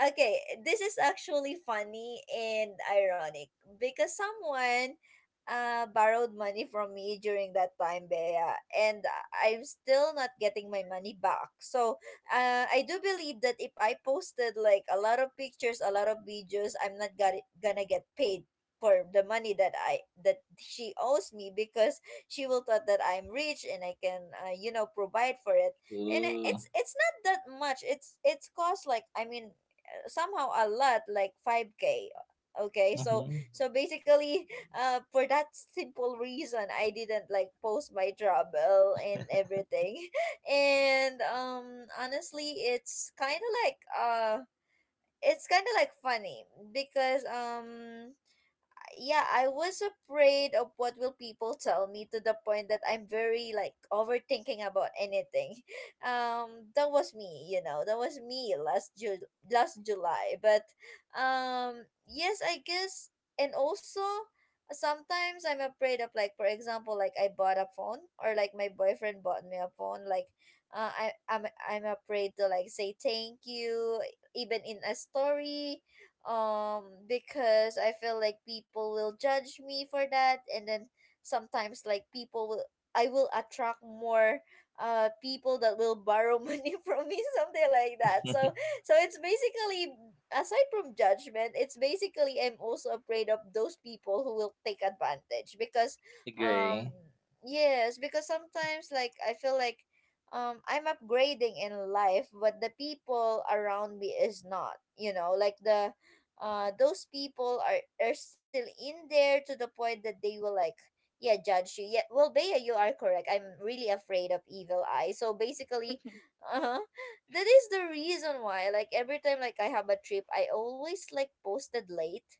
Speaker 1: okay, this is actually funny and ironic because someone borrowed money from me during that time, Bea, and I'm still not getting my money back. So, I do believe that if I posted like a lot of pictures, a lot of videos, I'm not got gonna get paid for the money that she owes me because she will thought that I'm rich and I can, provide for it. And
Speaker 2: Ooh.
Speaker 1: it's not that much, it's cost, like I mean, somehow a lot, like 5K. Okay. So
Speaker 2: Mm-hmm.
Speaker 1: basically, for that simple reason, I didn't like post my trouble and everything. And honestly, it's it's kind of like funny, because yeah, I was afraid of what will people tell me, to the point that I'm very like overthinking about anything. That was me, you know, that was me last July. But yes, I guess, and also sometimes I'm afraid of, like, for example, like I bought a phone or like my boyfriend bought me a phone. Like, I'm afraid to like say thank you even in a story, because I feel like people will judge me for that, and then sometimes, like, people will I will attract more people that will borrow money from me, something like that. So it's basically, aside from judgment, it's basically I'm also afraid of those people who will take advantage because um
Speaker 2: Agree.
Speaker 1: yes, because sometimes like I feel like I'm upgrading in life but the people around me is not, like the those people are still in there to the point that they will like, yeah, judge you. Yeah, well, Bea, you are correct, I'm really afraid of evil eye, so basically uh-huh, that is the reason why like every time like I have a trip I always like posted late.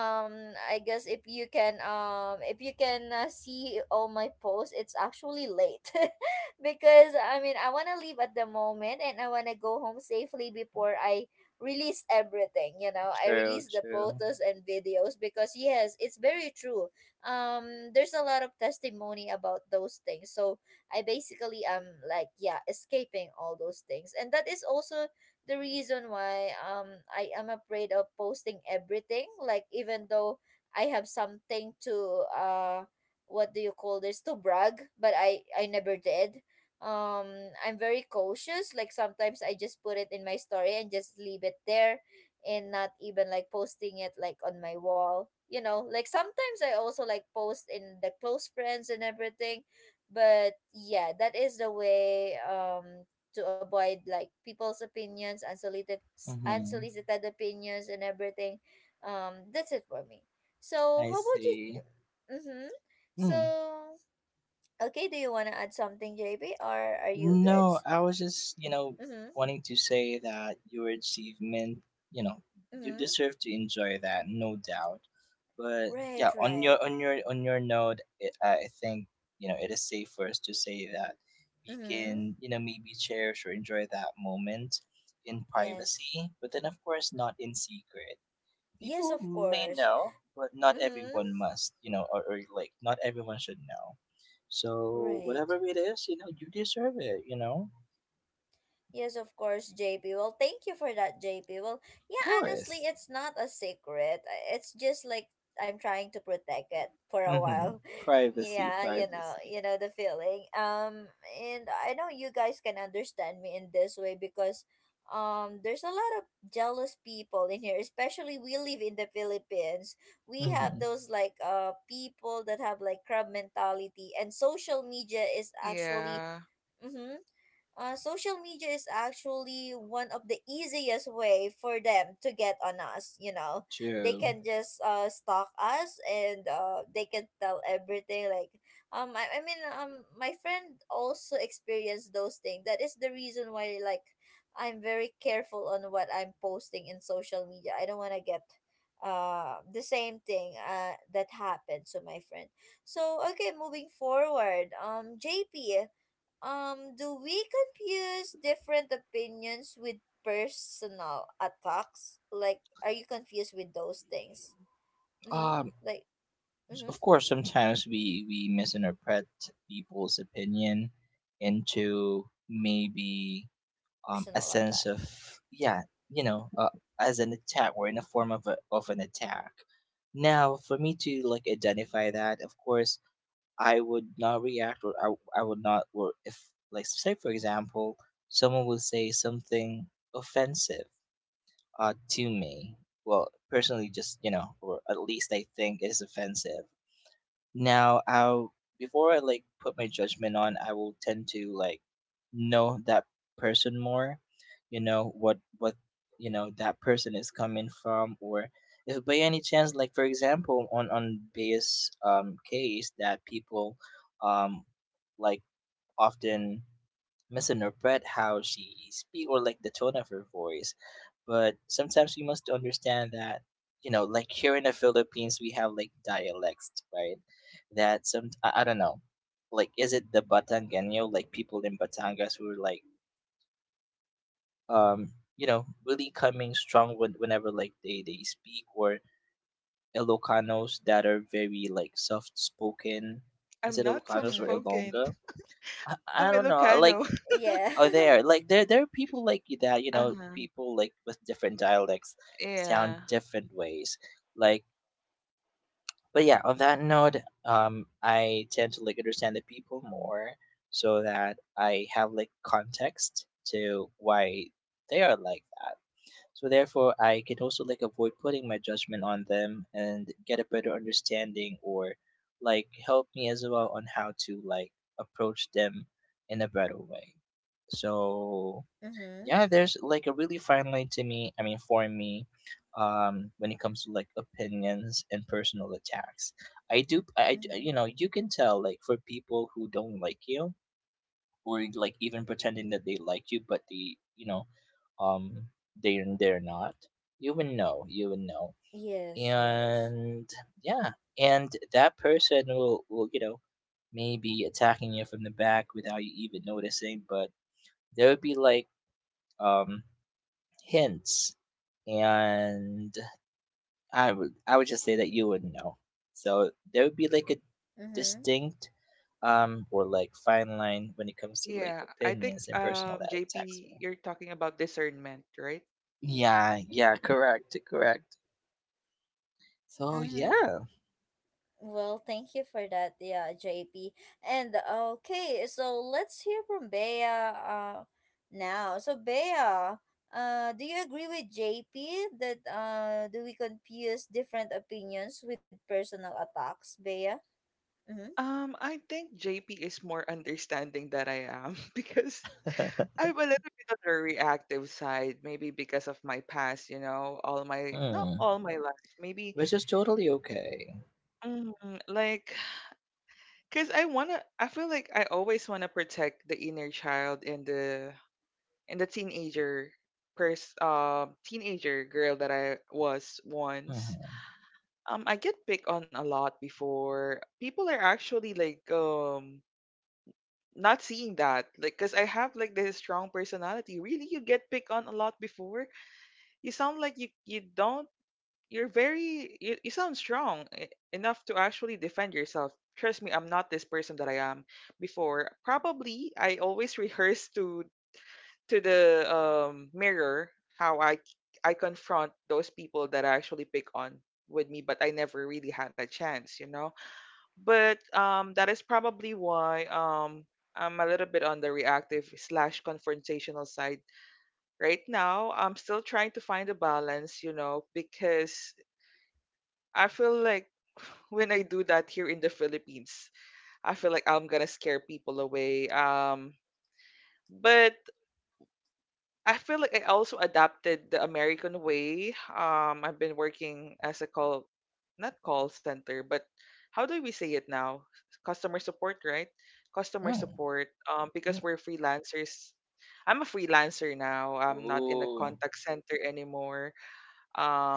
Speaker 1: um I guess if you can, if you can see all my posts, it's actually late. Because I mean I want to leave at the moment and I want to go home safely before I release everything, you know, I
Speaker 2: True,
Speaker 1: release the
Speaker 2: true.
Speaker 1: photos and videos, because yes, it's very true. There's a lot of testimony about those things, so I basically am like, yeah, escaping all those things, and that is also the reason why I am afraid of posting everything, like even though I have something to uh what do you call this, to brag, but I never did. um I'm very cautious, like sometimes I just put it in my story and just leave it there and not even like posting it like on my wall, you know, like sometimes I also like post in the close friends and everything. But yeah, that is the way, to avoid like people's opinions,
Speaker 2: Mm-hmm.
Speaker 1: unsolicited opinions and everything. That's it for me. So
Speaker 2: I
Speaker 1: how about you?
Speaker 2: see.
Speaker 1: Mm-hmm. So
Speaker 2: Hmm.
Speaker 1: okay, do you wanna add something, JP, or are you good?
Speaker 2: No, I was just, you know,
Speaker 1: Mm-hmm.
Speaker 2: wanting to say that your achievement, you know, you
Speaker 1: Mm-hmm.
Speaker 2: deserve to enjoy that, no doubt. But
Speaker 1: Right,
Speaker 2: yeah, on
Speaker 1: right.
Speaker 2: your on your on your note, it, I think, you know, it is safe for us to say that we
Speaker 1: Mm-hmm.
Speaker 2: can, you know, maybe cherish or enjoy that moment in
Speaker 1: Yes.
Speaker 2: privacy, but then of course not in secret.
Speaker 1: Yes,
Speaker 2: People
Speaker 1: of
Speaker 2: may
Speaker 1: course.
Speaker 2: know, but not
Speaker 1: Mm-hmm.
Speaker 2: everyone must, you know, or, like not everyone should know. So whatever
Speaker 1: Right.
Speaker 2: it is, you know, you deserve it, you know.
Speaker 1: Yes, of course, JP. Well, thank you for that, JP. Well,
Speaker 2: Of
Speaker 1: yeah, honestly,
Speaker 2: course.
Speaker 1: it's not a secret. I- It's just like I'm trying to protect it for a
Speaker 2: Mm-hmm.
Speaker 1: while.
Speaker 2: Privacy,
Speaker 1: Yeah,
Speaker 2: privacy.
Speaker 1: you know the feeling. And I know you guys can understand me in this way because there's a lot of jealous people in here, especially we live in the Philippines. We
Speaker 2: Mm-hmm.
Speaker 1: have those like people that have like crab mentality, and social media is actually,
Speaker 3: Yeah.
Speaker 1: mhm, social media is actually one of the easiest way for them to get on us, you know, they
Speaker 2: True.
Speaker 1: can just stalk us and they can tell everything, like I mean, my friend also experienced those things, that is the reason why like I'm very careful on what I'm posting in social media, I don't want to get the same thing that happened to my friend. So okay, moving forward, JP, do we confuse different opinions with personal attacks? Like, are you confused with those things? Mm-hmm.
Speaker 2: Um,
Speaker 1: Like, mm-hmm.
Speaker 2: of course, sometimes we misinterpret people's opinion into maybe a
Speaker 1: Personal
Speaker 2: sense
Speaker 1: attack.
Speaker 2: of, yeah, you know, as an attack or in a form of, of an attack. Now, for me to like identify that, of course, I would not react, I would not. Or if, like say for example, someone will say something offensive to me, well personally, just, you know, or at least I think it is offensive. Now, I'll, before I like put my judgment on, I will tend to like know that person more. You know what you know that person is coming from. Or if by any chance, like for example, on base case, that people um like often misinterpret how she speak or like the tone of her voice. But sometimes we must understand that, you know, like here in the Philippines, we have like dialects, right? That some, I don't know, like is it the Batangeno, like people in Batangas who are like, um, you know, really coming strong when, whenever like they speak, or Ilocanos that are very like soft spoken. Is
Speaker 3: I'm
Speaker 2: it
Speaker 3: not soft
Speaker 2: Ilocanos or
Speaker 1: Mm-hmm.
Speaker 3: spoken.
Speaker 2: Ilonga? I
Speaker 3: I'm
Speaker 2: don't know. Like,
Speaker 3: Ilocano.
Speaker 1: Yeah.
Speaker 2: oh, they are like there. There are people like you that, you know,
Speaker 3: Uh-huh.
Speaker 2: people like with different dialects sound
Speaker 3: Yeah.
Speaker 2: different ways. Like, but yeah. On that note, I tend to like understand the people more, so that I have like context to why they are like that. So therefore, I can also like avoid putting my judgment on them and get a better understanding, or like help me as well on how to like approach them in a better way. So
Speaker 1: Mm-hmm.
Speaker 2: yeah, there's like a really fine line to me. I mean, for me, when it comes to like opinions and personal attacks, I do I d-
Speaker 1: Mm-hmm.
Speaker 2: you know, you can tell, like for people who don't like you, or like even pretending that they like you but they, you know, um they're not. You would know.
Speaker 1: Yes, yes.
Speaker 2: And yeah, and that person will you know, maybe attacking you from the back without you even noticing. But there would be like um hints, and I would, just say that you would know. So there would be like a
Speaker 1: Mm-hmm.
Speaker 2: distinct or like fine line when it comes to like
Speaker 3: Yeah. I think
Speaker 2: opinions and personal attacks,
Speaker 3: JP,
Speaker 2: right?
Speaker 3: you're talking about discernment, right?
Speaker 2: Yeah, yeah, correct, correct. So
Speaker 1: Mm-hmm.
Speaker 2: yeah.
Speaker 1: Well, thank you for that, yeah, JP. And okay, so let's hear from Bea now. So Bea, do you agree with JP that, do we confuse different opinions with personal attacks, Bea? Mm-hmm.
Speaker 3: I think JP is more understanding that I am, because I'm a little bit on the reactive side, maybe because of my past, you know, all my not
Speaker 2: Hmm,
Speaker 3: all my life, maybe,
Speaker 2: which is totally okay.
Speaker 3: mm, like, cause I feel like I always wanna protect the inner child and the teenager pers teenager girl that I was once.
Speaker 2: Mm-hmm.
Speaker 3: I get picked on a lot before. People are actually like not seeing that. Like cause I have like this strong personality. Really, you get picked on a lot before? You sound like you don't you're very you sound strong enough to actually defend yourself. Trust me, I'm not this person that I am before. Probably I always rehearse to the mirror how I confront those people that I actually pick on with me, but I never really had a chance, you know. But that is probably why I'm a little bit on the reactive slash confrontational side right now. I'm still trying to find a balance, you know, because I feel like when I do that here in the Philippines. I feel like I'm gonna scare people away. But I feel like I also adapted the American way. I've been working as a call, not call center, but how do we say it now? Customer support, right? Customer
Speaker 2: Mm.
Speaker 3: support. Because
Speaker 2: Mm.
Speaker 3: we're freelancers. I'm a freelancer now. I'm not in a
Speaker 2: Ooh,
Speaker 3: contact center anymore.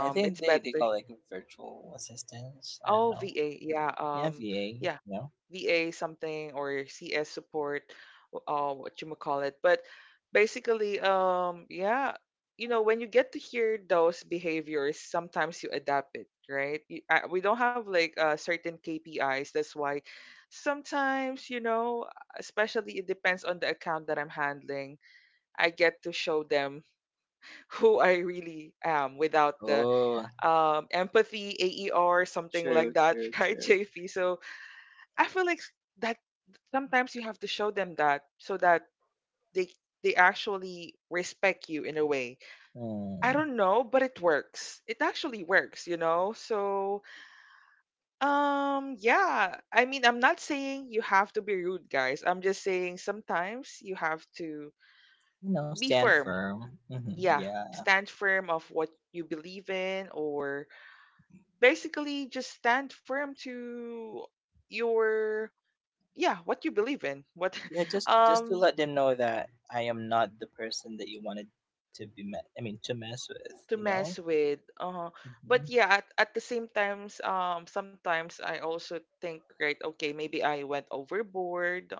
Speaker 2: I
Speaker 3: It's
Speaker 2: think they
Speaker 3: better.
Speaker 2: call like virtual assistants. I
Speaker 3: Oh,
Speaker 2: don't know.
Speaker 3: VA. Yeah.
Speaker 2: Yeah,
Speaker 3: Yeah.
Speaker 2: VA. No.
Speaker 3: VA something or CS support, what you call it. But basically, yeah, you know, when you get to hear those behaviors, sometimes you adapt it, right? We don't have like certain KPIs. That's why sometimes, you know, especially it depends on the account that I'm handling. I get to show them who I really am without the
Speaker 2: Oh,
Speaker 3: empathy, AER, something like
Speaker 2: true,
Speaker 3: that,
Speaker 2: true,
Speaker 3: right,
Speaker 2: true.
Speaker 3: JP? So I feel like that sometimes you have to show them that so that they they actually respect you in a way. I
Speaker 2: Hmm.
Speaker 3: don't know, but it works. It actually works, you know? So, yeah, I mean, I'm not saying you have to be rude, guys. I'm just saying sometimes you have to
Speaker 2: You know,
Speaker 3: be
Speaker 2: stand
Speaker 3: firm.
Speaker 2: firm. Hmm.
Speaker 3: Yeah,
Speaker 2: Yeah,
Speaker 3: stand firm of what you believe in or basically just stand firm to your yeah, what you believe in. What
Speaker 2: yeah. Just to
Speaker 3: um
Speaker 2: let them know that I am not the person that you wanted to be met. I mean, to mess with.
Speaker 3: to
Speaker 2: You
Speaker 3: mess
Speaker 2: know.
Speaker 3: with. Uh-huh. But
Speaker 2: Hmm.
Speaker 3: yeah, at the same times, sometimes I also think, right, okay, maybe I went overboard.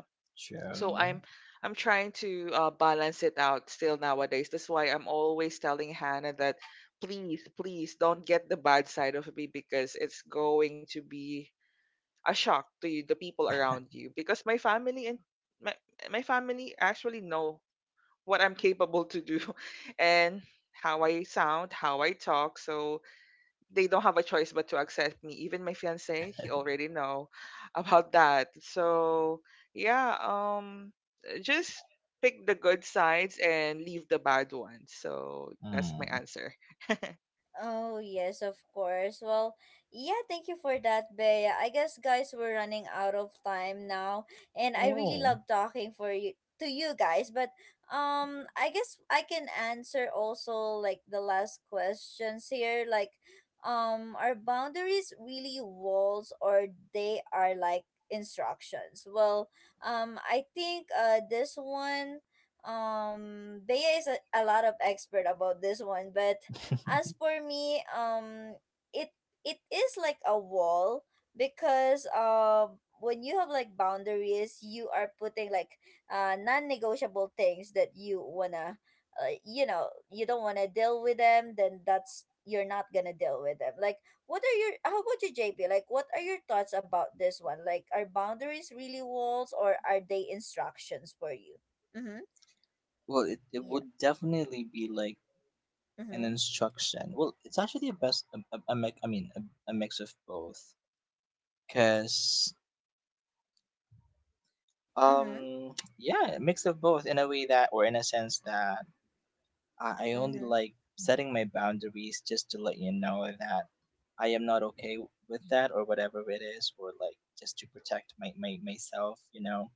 Speaker 3: So
Speaker 2: True.
Speaker 3: I'm trying to balance it out still nowadays. That's why I'm always telling Hannah that please, please don't get the bad side of me because it's going to be a shock to you, the people around you. Because my my family actually know what I'm capable to do and how I sound, how I talk. So they don't have a choice but to accept me. Even my fiance, he already know about that. So yeah, just pick the good sides and leave the bad ones. So that's my
Speaker 2: Mm.
Speaker 3: answer.
Speaker 1: Oh, yes, of course. Well, yeah, thank you for that, Bea. I guess, guys, we're running out of time now, and I really
Speaker 2: Oh,
Speaker 1: love talking for you, to you guys, but I guess I can answer also like the last questions here, like, are boundaries really walls or they are like instructions? Well, I think this one, Bea is a lot of expert about this one, but as for me, it it is like a wall because when you have like boundaries, you are putting like non-negotiable things that you wanna, you know, you don't wanna deal with them, then that's, you're not gonna deal with them. Like, what are your how about you, JP, like what are your thoughts about this one? Like, are boundaries really walls or are they instructions for you? Mm-hmm.
Speaker 2: well, it
Speaker 1: Yeah.
Speaker 2: would definitely be like an
Speaker 1: Mm-hmm.
Speaker 2: instruction. Well, it's actually a best a mix. I mean, a mix of both. Cause
Speaker 1: Mm-hmm.
Speaker 2: yeah, a mix of both in a way that, or in a sense that I only
Speaker 1: Mm-hmm.
Speaker 2: like setting my boundaries just to let you know that I am not okay with that or whatever it is, or like just to protect my, my myself, you know.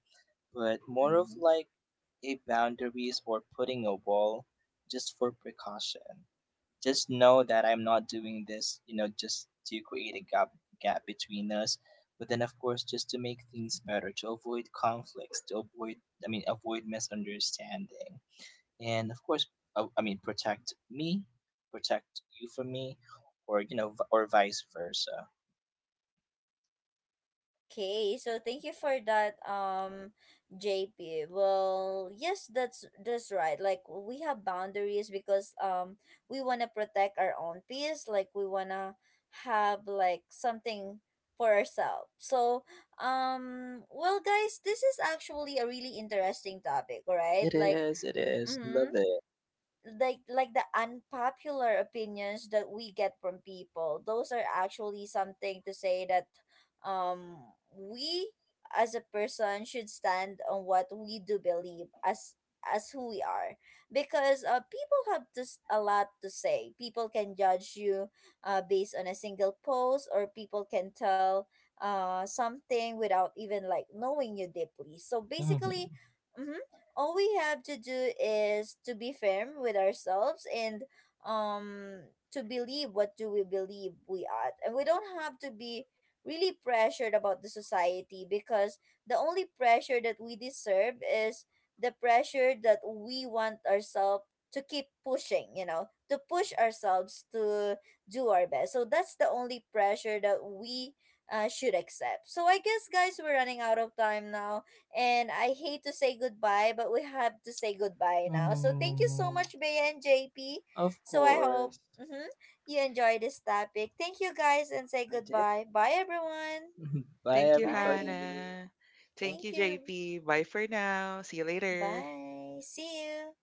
Speaker 2: But more of
Speaker 1: Mm-hmm.
Speaker 2: like a boundaries or putting a wall just for precaution. Just know that I'm not doing this, you know, just to create a gap between us. But then of course just to make things better, to avoid conflicts, to avoid, I mean avoid, misunderstanding, and of course, I mean protect me, protect you from me, or you know, or vice versa.
Speaker 1: Okay, so thank you for that, JP. Well, yes, that's right. Like, we have boundaries because we wanna protect our own peace. Like, we wanna have like something for ourselves. So, well, guys, this is actually a really interesting topic, right?
Speaker 2: It
Speaker 1: Like,
Speaker 2: is, it is, love
Speaker 1: mm-hmm,
Speaker 2: it.
Speaker 1: like the unpopular opinions that we get from people, those are actually something to say that, um we as a person should stand on what we do believe as who we are, because people have just a lot to say, people can judge you based on a single post, or people can tell something without even like knowing you deeply, so basically,
Speaker 2: Hmm.
Speaker 1: mhm, all we have to do is to be firm with ourselves and, um to believe what do we believe we are, and we don't have to be really pressured about the society, because the only pressure that we deserve is the pressure that we want ourselves to keep pushing, you know, to push ourselves to do our best. So that's the only pressure that we should accept. So I guess, guys, we're running out of time now, and I hate to say goodbye, but we have to say goodbye now. So thank you so much, Bea and JP.
Speaker 2: Of
Speaker 1: So I hope,
Speaker 2: course.
Speaker 1: mhm, you enjoy this topic. Thank you guys, and say
Speaker 2: I did.
Speaker 1: goodbye. Bye, everyone.
Speaker 2: Bye
Speaker 3: Thank you,
Speaker 1: Bye.
Speaker 2: everybody.
Speaker 3: Hannah. Thank
Speaker 1: Thank
Speaker 3: you,
Speaker 1: you.
Speaker 3: JP. Bye for now. See you later.
Speaker 1: Bye. See you.